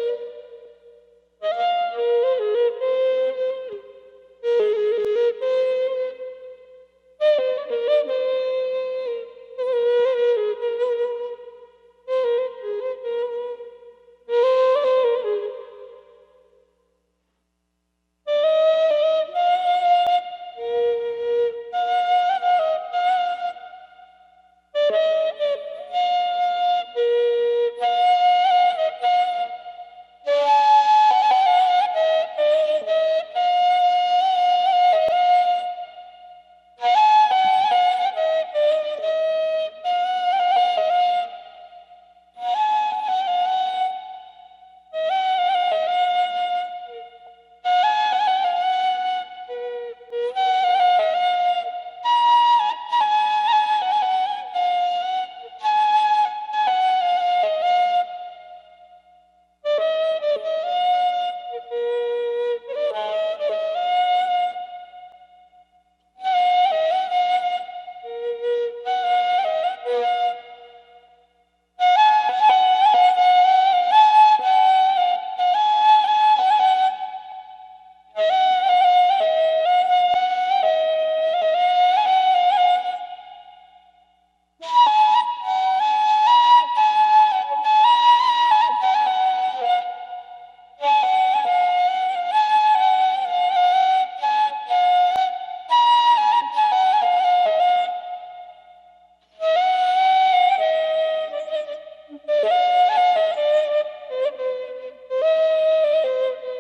C: Thank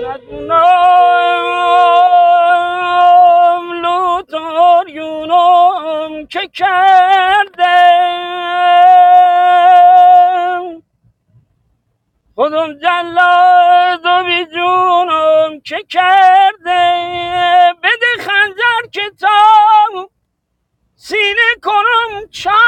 E: ندونم لوتار یونام که کردم خودم جلاد و بی جونم که کرده بده خنجر که تا سینه کنم چاک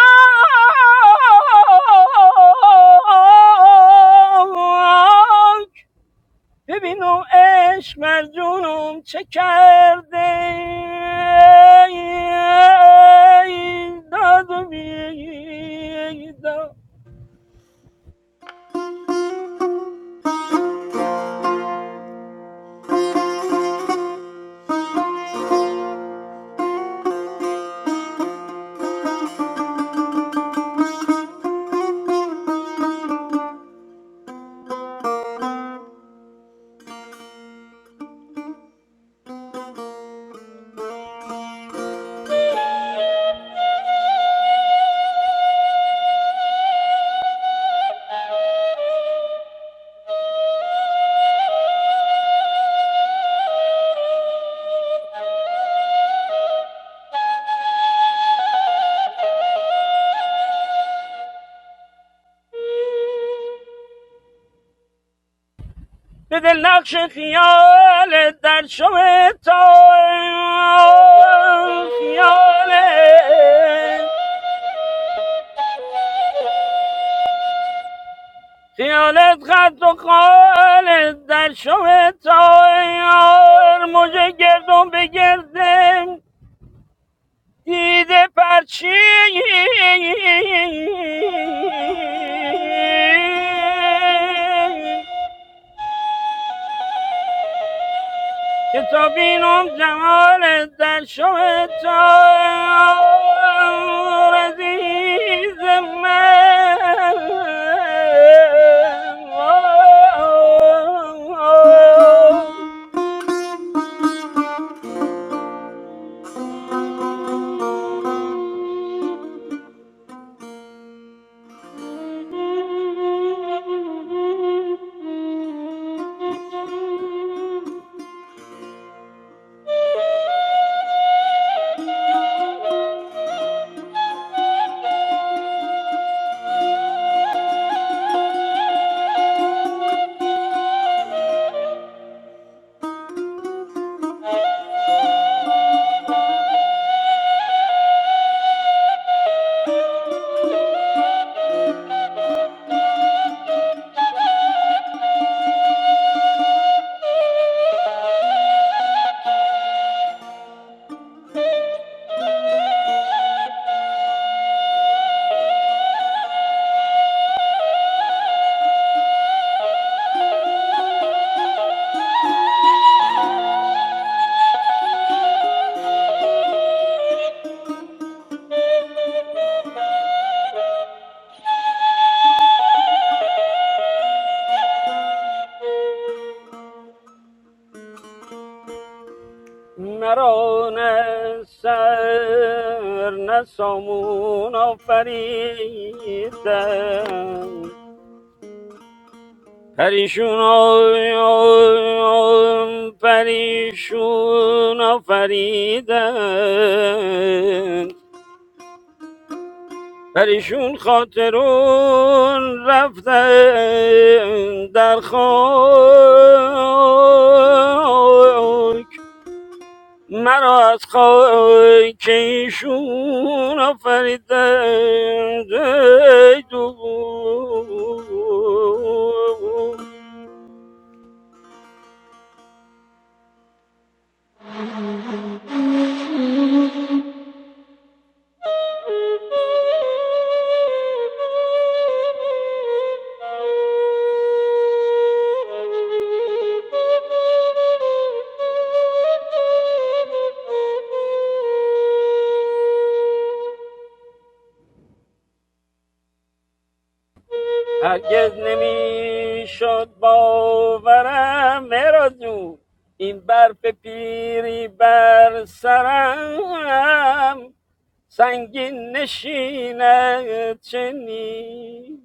E: ببین اون عشق بر جونم چه کرده داد و
C: you.
E: به دل نقش خیال در شب تا خیالت خیالت خط و خالت در شب تا مجه گردون بگردم دیده پرچین که تا بینم جمال در شب تار عزیز من مرا نه سر نه سامون آفریدن پریشون آ- پریشون آفریدن پریشون خاطرون رفتن در خاک مرا از خاک ایشون آفریدن ای دو هرگز نمیشد باورم مهراد جون این برف پیری بر سرم سنگین نشینه چنین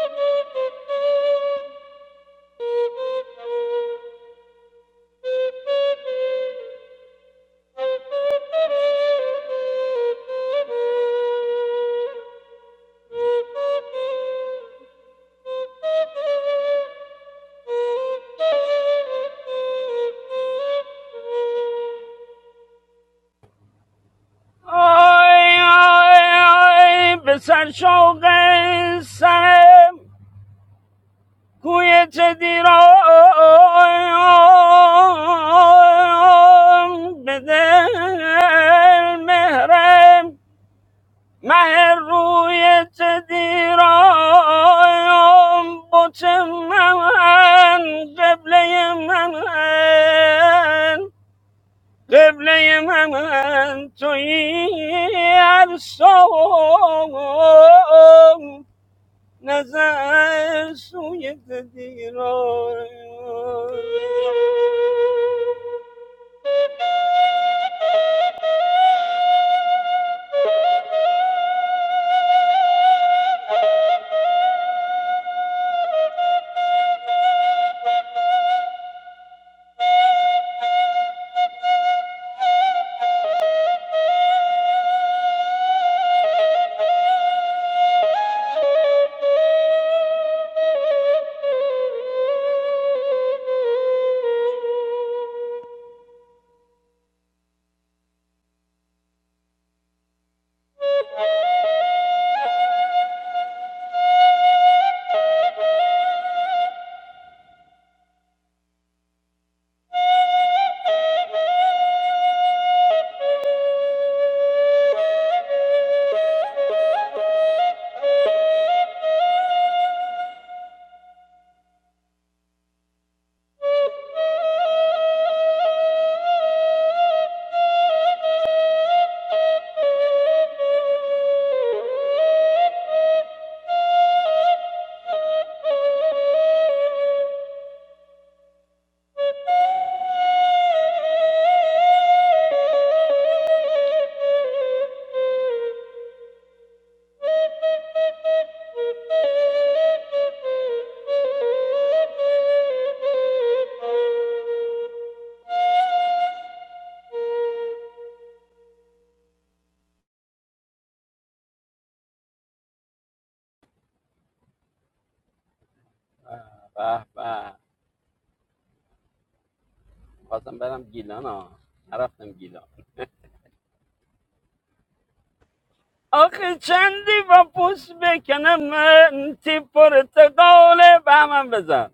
C: Thank you.
E: آی آی آی به سر شوق سرم کوی چه دیرم به دل مهرم مه روی تدیرایم بت من قبله من قبله من تویی ارسام نظر سوی تدیرایم به به خواستم برم گیلان ها نرفتم گیلان آخه چندی با پوست بکنم من تی پرتقاله به من بزن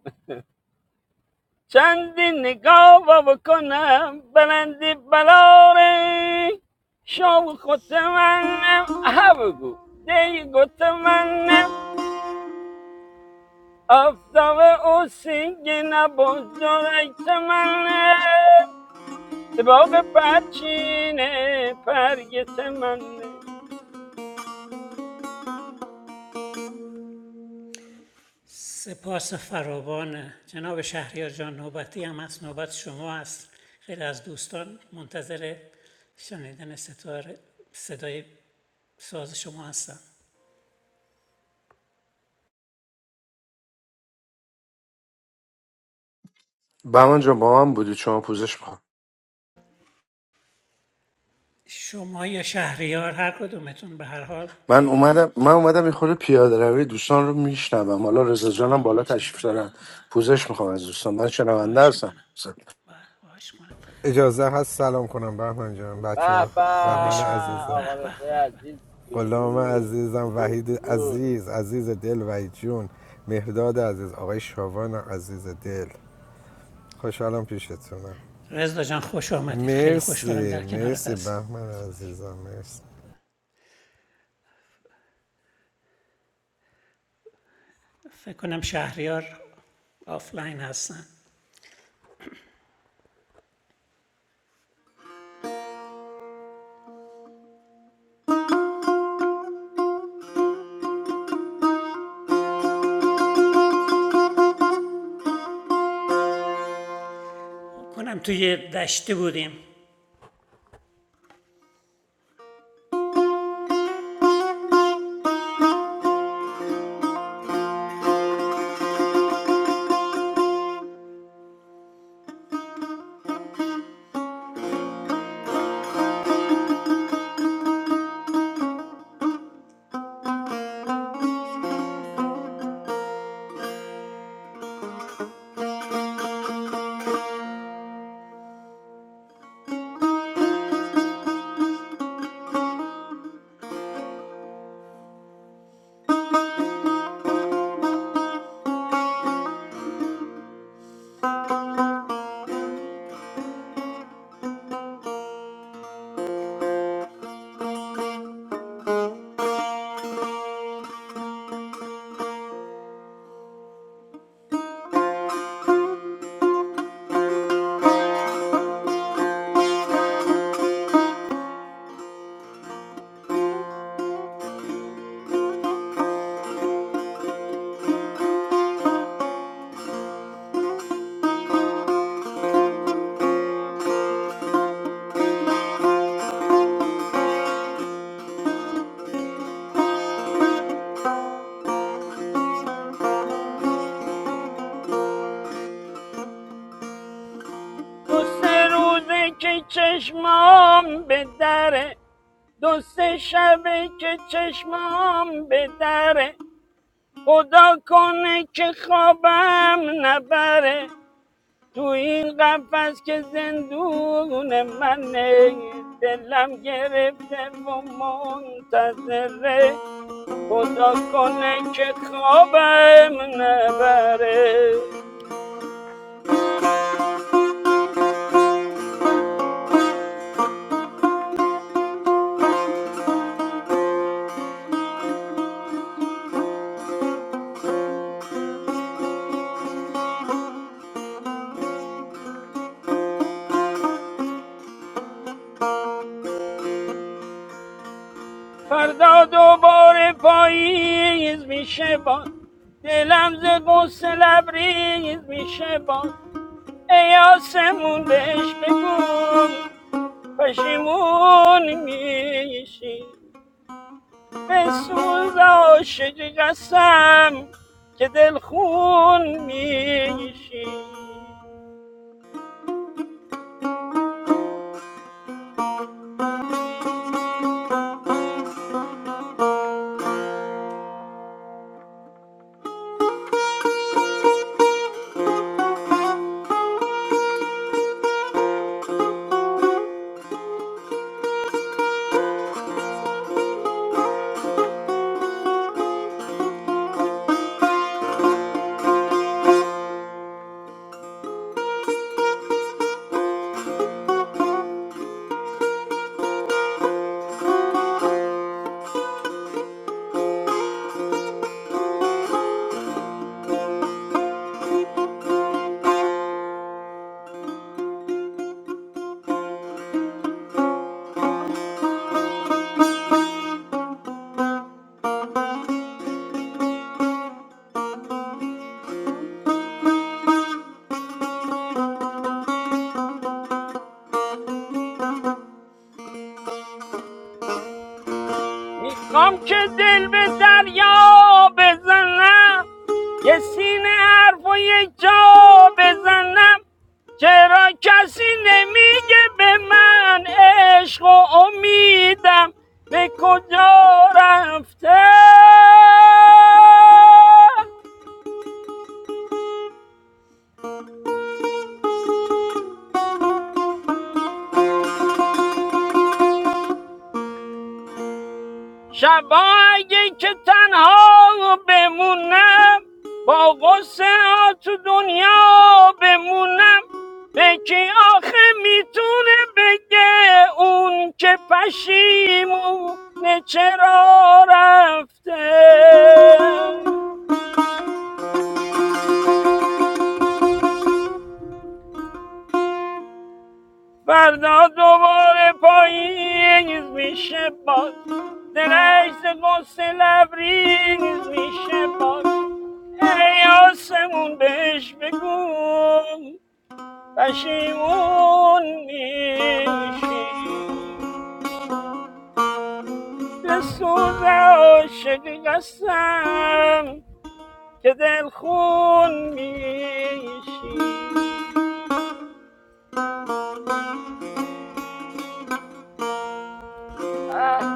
E: چندی نگاه با بکنم بلندی بلاره شام خود منم ها بگو دی گوت منم آفتاب او سینگی نباز دارکت منم سباق پرچینه پرگت منه
A: سپاس فراوان جناب شهریار جان نوبتی هم هست نوبت شما هست خیلی از دوستان منتظر شنیدن ستاره صدای ساز شما هستن
B: بهمن جان با من بودی شما پوزش بخوام
A: شما یا شهریار هر کدومتون به هر حال
B: من اومدم من اومدم یه خورده پیاده روی دوستان رو میشنوم حالا رضا جانم
A: هم
B: بالا تشریف
A: میشنوین
B: دارن
A: بله بله
B: پوزش میخوام از دوستان من شنونده
A: خواهش
B: هستم
A: میکنم بله خواهش میکنم
F: Joza, hello. Good morning, Bahman. Good
E: به
F: morning,
E: به
F: Bahman.
A: خواهش میکنم
F: Aziza.
A: به
E: آقا
A: به
E: رضای
A: به به
E: عزیز
F: Qolama,
E: درود
F: Aziza.
E: درود
F: Vahid,
E: درود
F: Aziz. Aziza del, Vajjon. Mifda, Aziz. Oy Shavona, Aziza del. Hello, Mr. Aziza.
A: رضا جان خوش آمدید خیلی خوشحالم
F: Merci,
A: در کنارت
F: Merci,
A: هستیم
F: Bahman, Aziza, Merci.
A: فکر کنم شهریار آفلاین هستن فکر کنم توی دشته بودیم
E: دو سه روزه که چشمام به دره دو سه شبه که چشمام به دره خدا کنه که خوابم نبره تو این قفس که زندون منه دلم گرفته و منتظره خدا کنه که خوابم نبره فردا دوباره پاییز میشه باد دلم ز قصه لبریز میشه باد ای آسمون بهش بگو پشیمون میشی به سوز عاشقی قسم که دلخون میشی میخوام که دل به دریا بزنم یه سینه حرف و یه جا بزنم چرا کسی نمیگه به من عشق و امیدم به کجا رفته شبا اگه که تنها بمونم با غصه ها تو دنیا بمونم به کی آخه میتونه بگه اون که پشیمونه چرا رفته فردا دوباره پاییز میشه باز درشت قصه لبریز میشه باز ای آسمون بهش بگو پشیمون میشی به سوز عاشقی قسم که دلخون میشی اه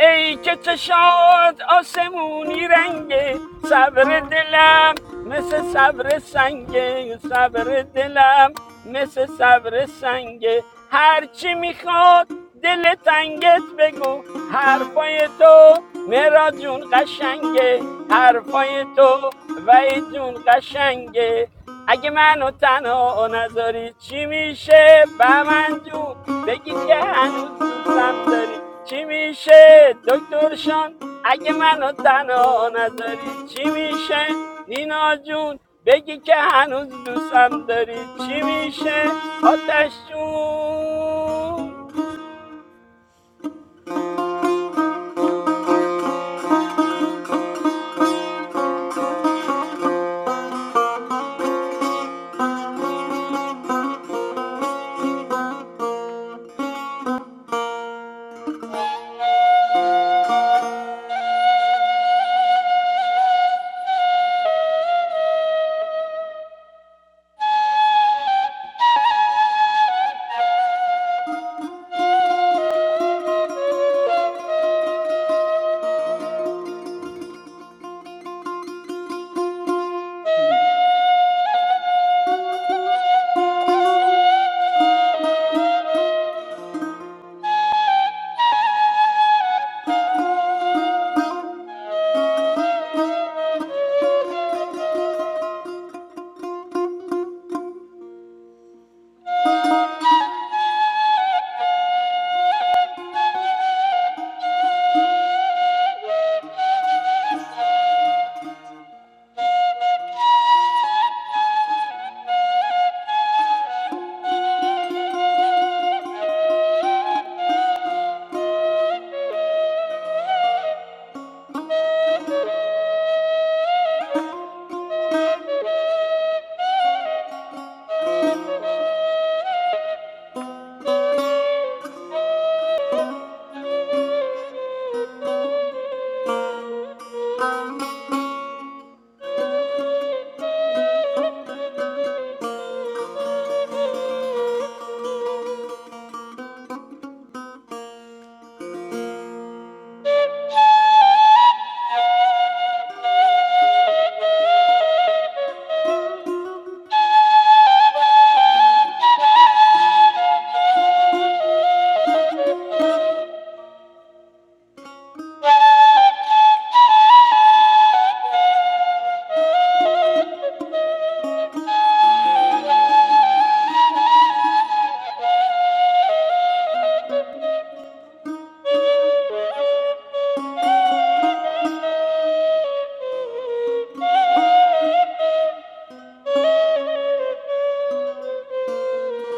E: ای که چشاد آسمونی رنگه صبر دلم مثل صبر سنگه صبر دلم مثل صبر سنگه هرچی میخواد دل تنگت بگو حرفای تو مراد جون قشنگه حرفای تو وحید جون قشنگه اگه منو تنها نذاری چی میشه بمن جون بگی که هنوز دوستم داری چی میشه دکتر شان اگه منو تنها نذاری چی میشه نینا جون بگی که هنوز دوستم داری چی میشه آتش جون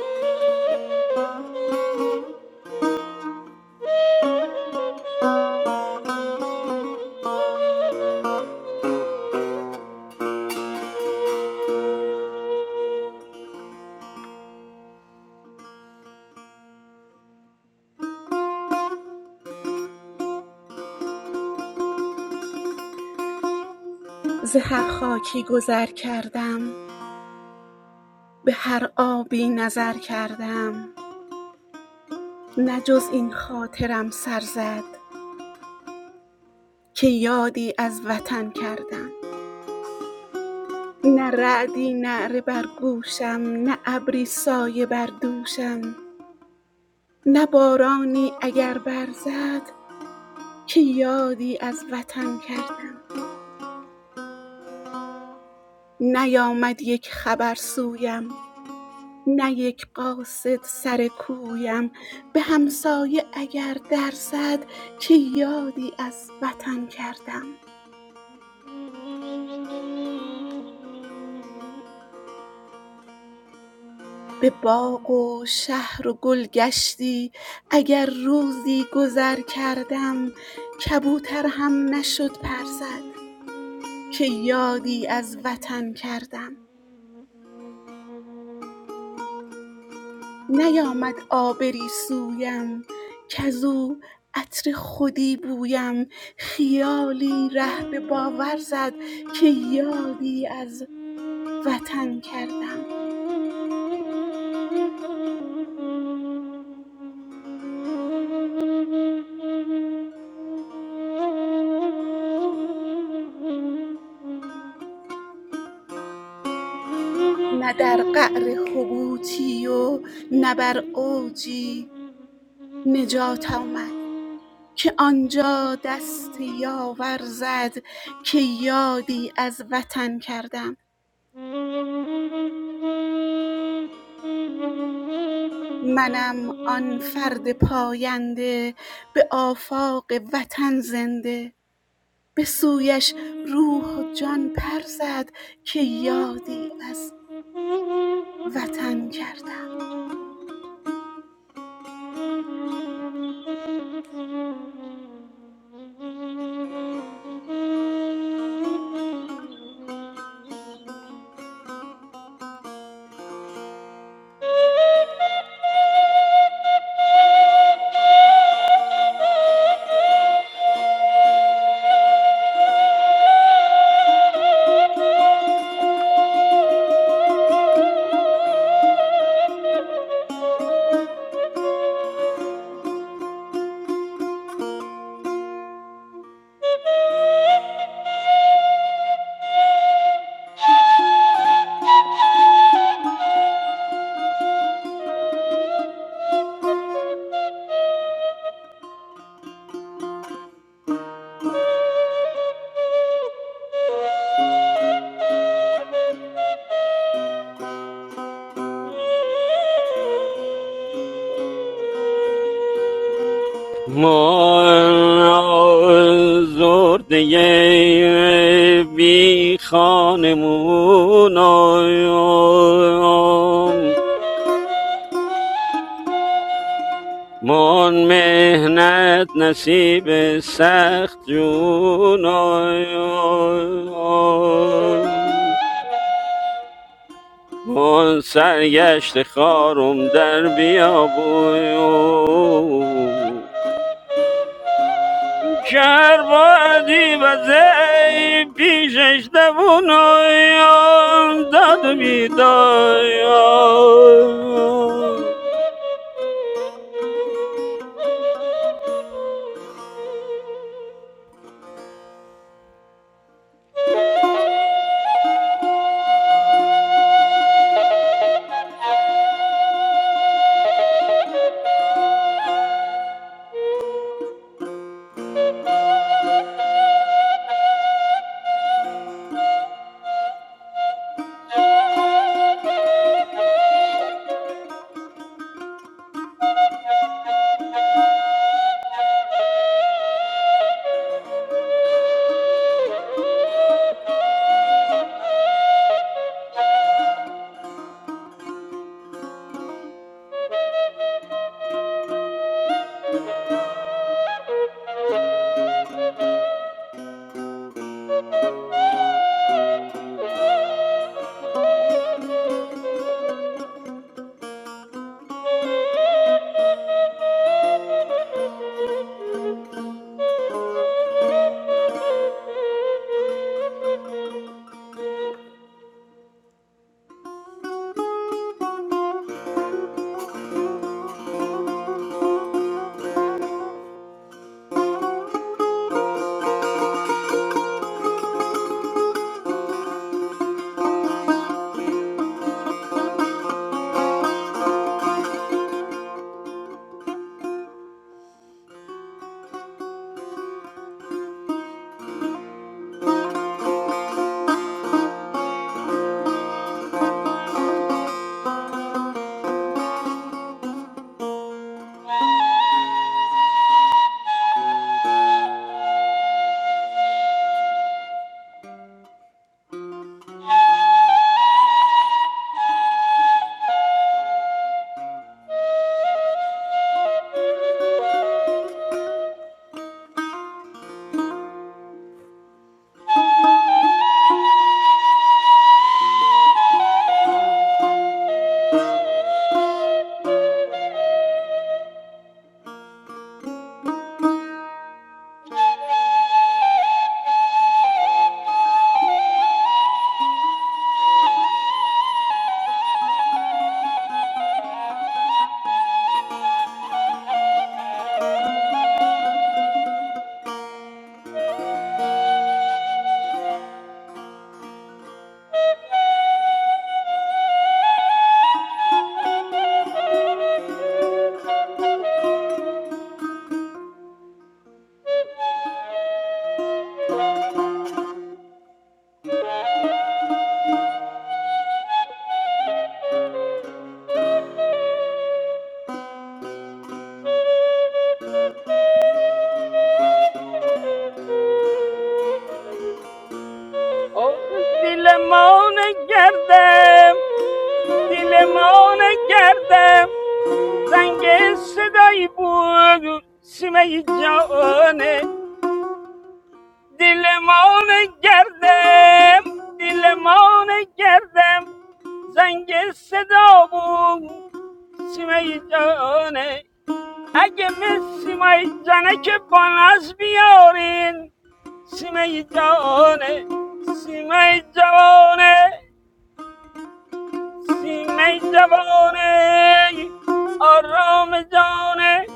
C: Thank you. Thank you.
G: ز هر خاکی گذر کردم به هر آبی نظر کردم نه جز این خاطرم سر زد که یادی از وطن کردم نه رعدی نعره بر گوشم نه ابری سایه بر دوشم نه بارانی اگر برزد که یادی از وطن کردم نیامد یک خبر سویم نه یک قاصد سر کویم به همسایه اگر درزد که یادی از وطن کردم به باغ و شهر و گل گشتی اگر روزی گذر کردم کبوتر هم نشد پر زد که یادی از وطن کردم نیامد آبری سویم کزو عطر خودی بویم خیالی ره به باور زد که یادی از وطن کردم نه در قعر حبوطی و نه بر اوجی نجات آمد که آنجا دست یاور زد که یادی از وطن کردم منم آن فرد پاینده به آفاق وطن زنده به سویش روح و جان پر زد که یادی از وطن کردم
E: ما زرده بی خانمونم من مهنت نصیب سخت جونم من سرگشت خارم در بیابون کربادی و زی پیشش دوون داد و بیدای آخ دیلمان گردم دیلمان گردم زنگ صدایی بود سیمه جانه دیلمان گردم دیلمان گردم زنگ صدا بود سیمای جانه اگه می سیمای جانه که بانز بیارین سیمای جانه سیمای جوانه سیمای جوانه آرام جانه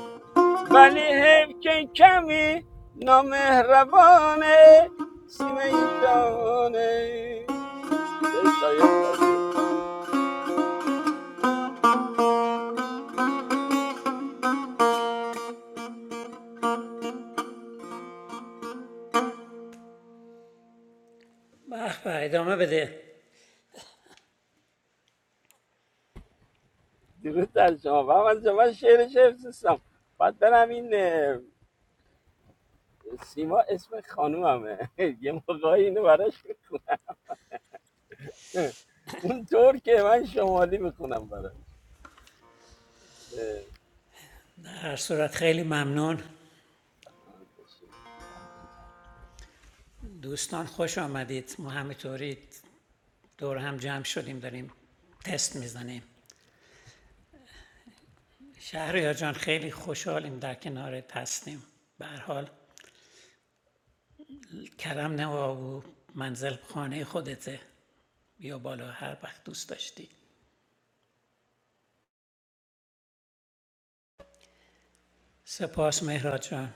E: ولی حیف که کمی نامهربانه سیمای جانه یه شایخ خالیه
A: به به ادامه بده
E: درود در شما و من شما من شعرش حفظ نیستم باید برم این سیما اسم خانوممه یه موقعی اینو براش اون طور که من شمالی میخونم براش
A: هر صورت خیلی ممنون دوستان خوش آمدید ما همینطوری دور هم جمع شدیم داریم تست میزنیم شهریار جان خیلی خوشحالیم در کنارت هستیم به هر حال کرم نوا و منزل خانه خودته بیا بالا هر وقت دوست داشتی سپاس مهراد جان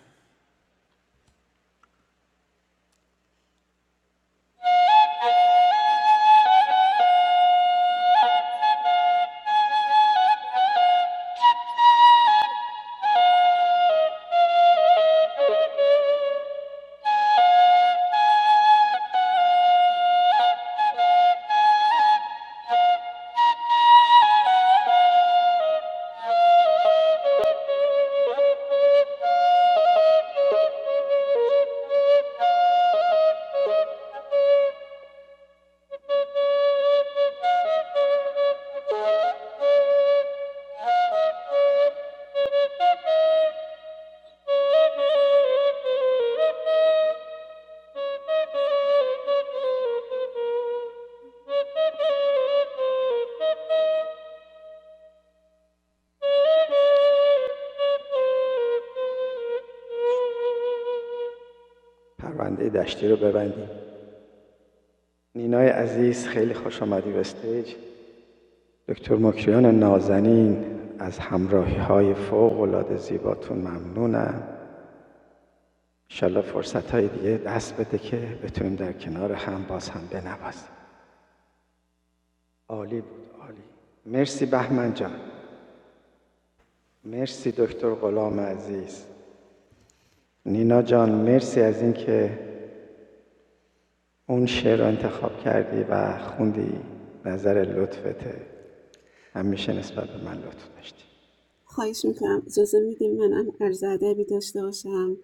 G: خواهش میکنم اجازه میدیم منم هم عرض ادبی داشته باشم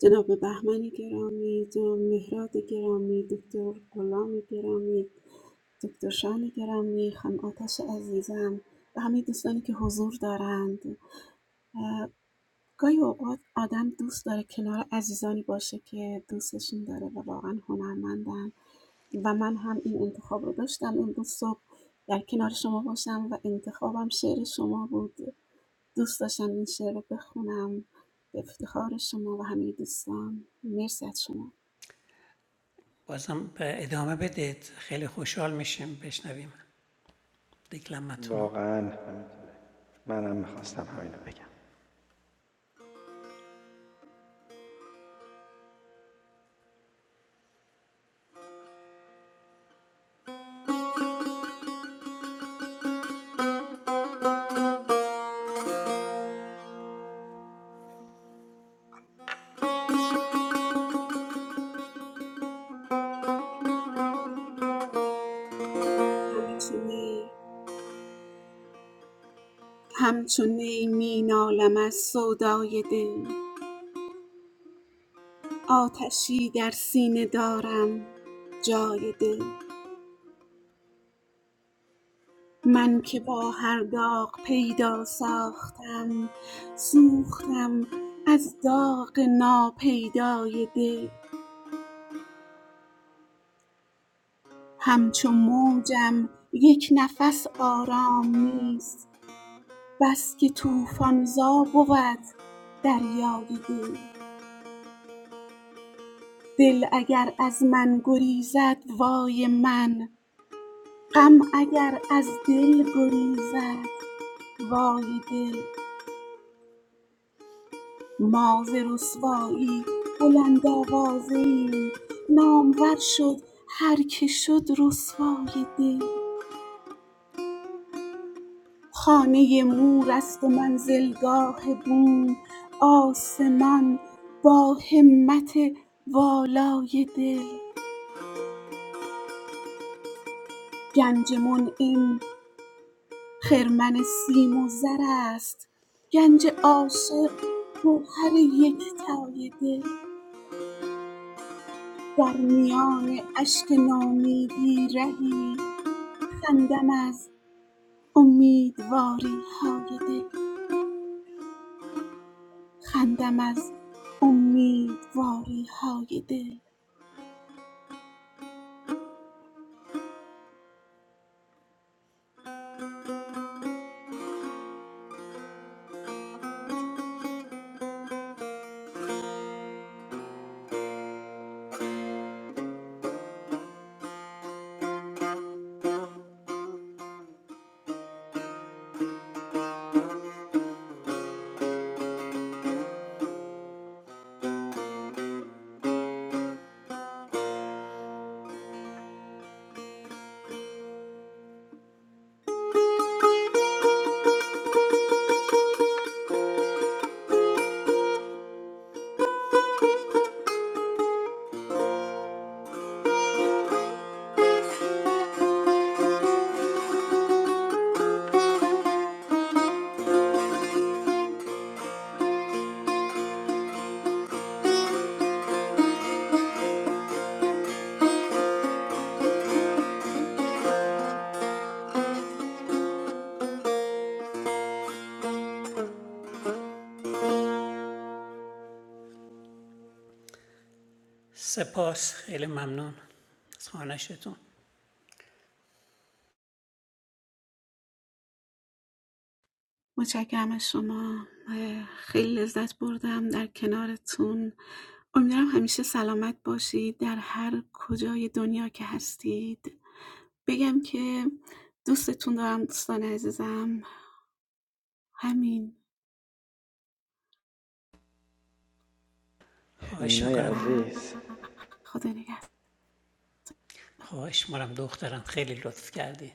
G: جناب بهمن گرامی جناب مهراد گرامی دکتر غلام گرامی دکتر شان گرامی خانم آتش عزیزم و همه دوستانی که حضور دارند گاهی اوقات آدم دوست داره کنار عزیزانی باشه که دوستشون داره و واقعا هنرمندن و من هم این انتخاب رو داشتم امروز صبح در کنار شما باشم و انتخابم شعر شما بود دوست داشتم این شعر رو بخونم به افتخار شما و همه دوستان مرسی از شما
A: بازم به ادامه بدید خیلی خوشحال میشیم بشنویم دکلمتون رو
G: همچنین همچون نی می نالم از سودای دل آتشی در سینه دارم جای دل من که با هر داغ پیدا ساختم سوختم از داغ ناپیدای دل همچو موجم یک نفس آرام نیست بس که طوفان زا بود دریای دل دل اگر از من گریزد وای من غم اگر از دل گریزد وای دل ما ز رسوایی بلند آوازه ایم نامور شد هر که شد رسوای دل خانه مور است و منزلگاه بوم آسمان با همت والای دل گنج منعم خرمن سیم و زر است گنج عاشق گوهر یکتای دل در میان اشک نامیدی رهی خندم از امیدواری امیدواری‌های دل خندم از امیدواری امیدواری‌های دل
A: سپاس خیلی ممنون از خانشتون
G: متشکرم از شما خیلی لذت بردم در کنارتون امیدوارم همیشه سلامت باشید در هر کجای دنیا که هستید بگم که دوستتون دارم دوستان عزیزم همین
A: خواهش میکنم
G: و خدا نگهدار
A: خواهش میکنم دخترم خیلی لطف کردی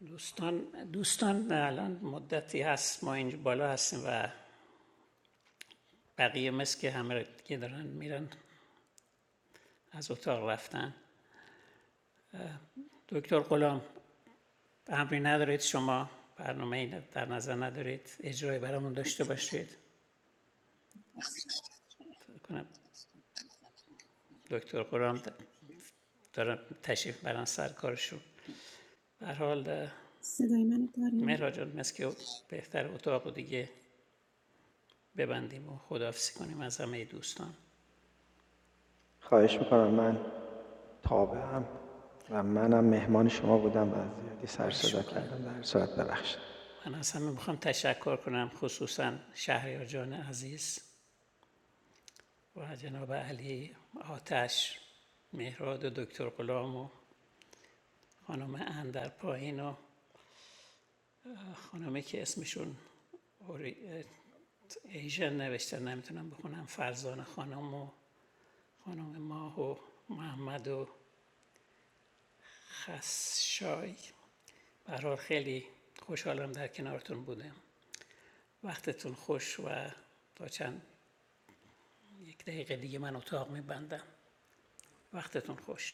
A: دوستان دوستان الان مدتی هست ما اینجا بالا هستیم و بقیه مثل که همه دیگه دارن میرن از اتاق رفتن دکتر غلام امری ندارید شما برنامه در نظر ندارید اجرای برامون داشته باشید کنم دکتر قرام دارن تشریف برن سر کارشون به هر حال
G: صدای منو داریم
A: مهرا جان مثل بهتر اتاق دیگه ببندیم و خداحافظی کنیم از همه دوستان خواهش میکنم من از همه میخوام تشکر کنم خصوصا شهریار جان عزیز و جناب علی آتش مهراد و دکتر غلام و خانم اندر پایین و خانمی که اسمشون اوری- ایژن نوشتن نمیتونم بخونم فرزان خانم و خانم ماه و محمد و خسشای برحال خیلی خوشحالم در کنارتون بودم وقتتون خوش و تا چند یک دقیقه دیگه من اتاق میبندم وقتتون خوش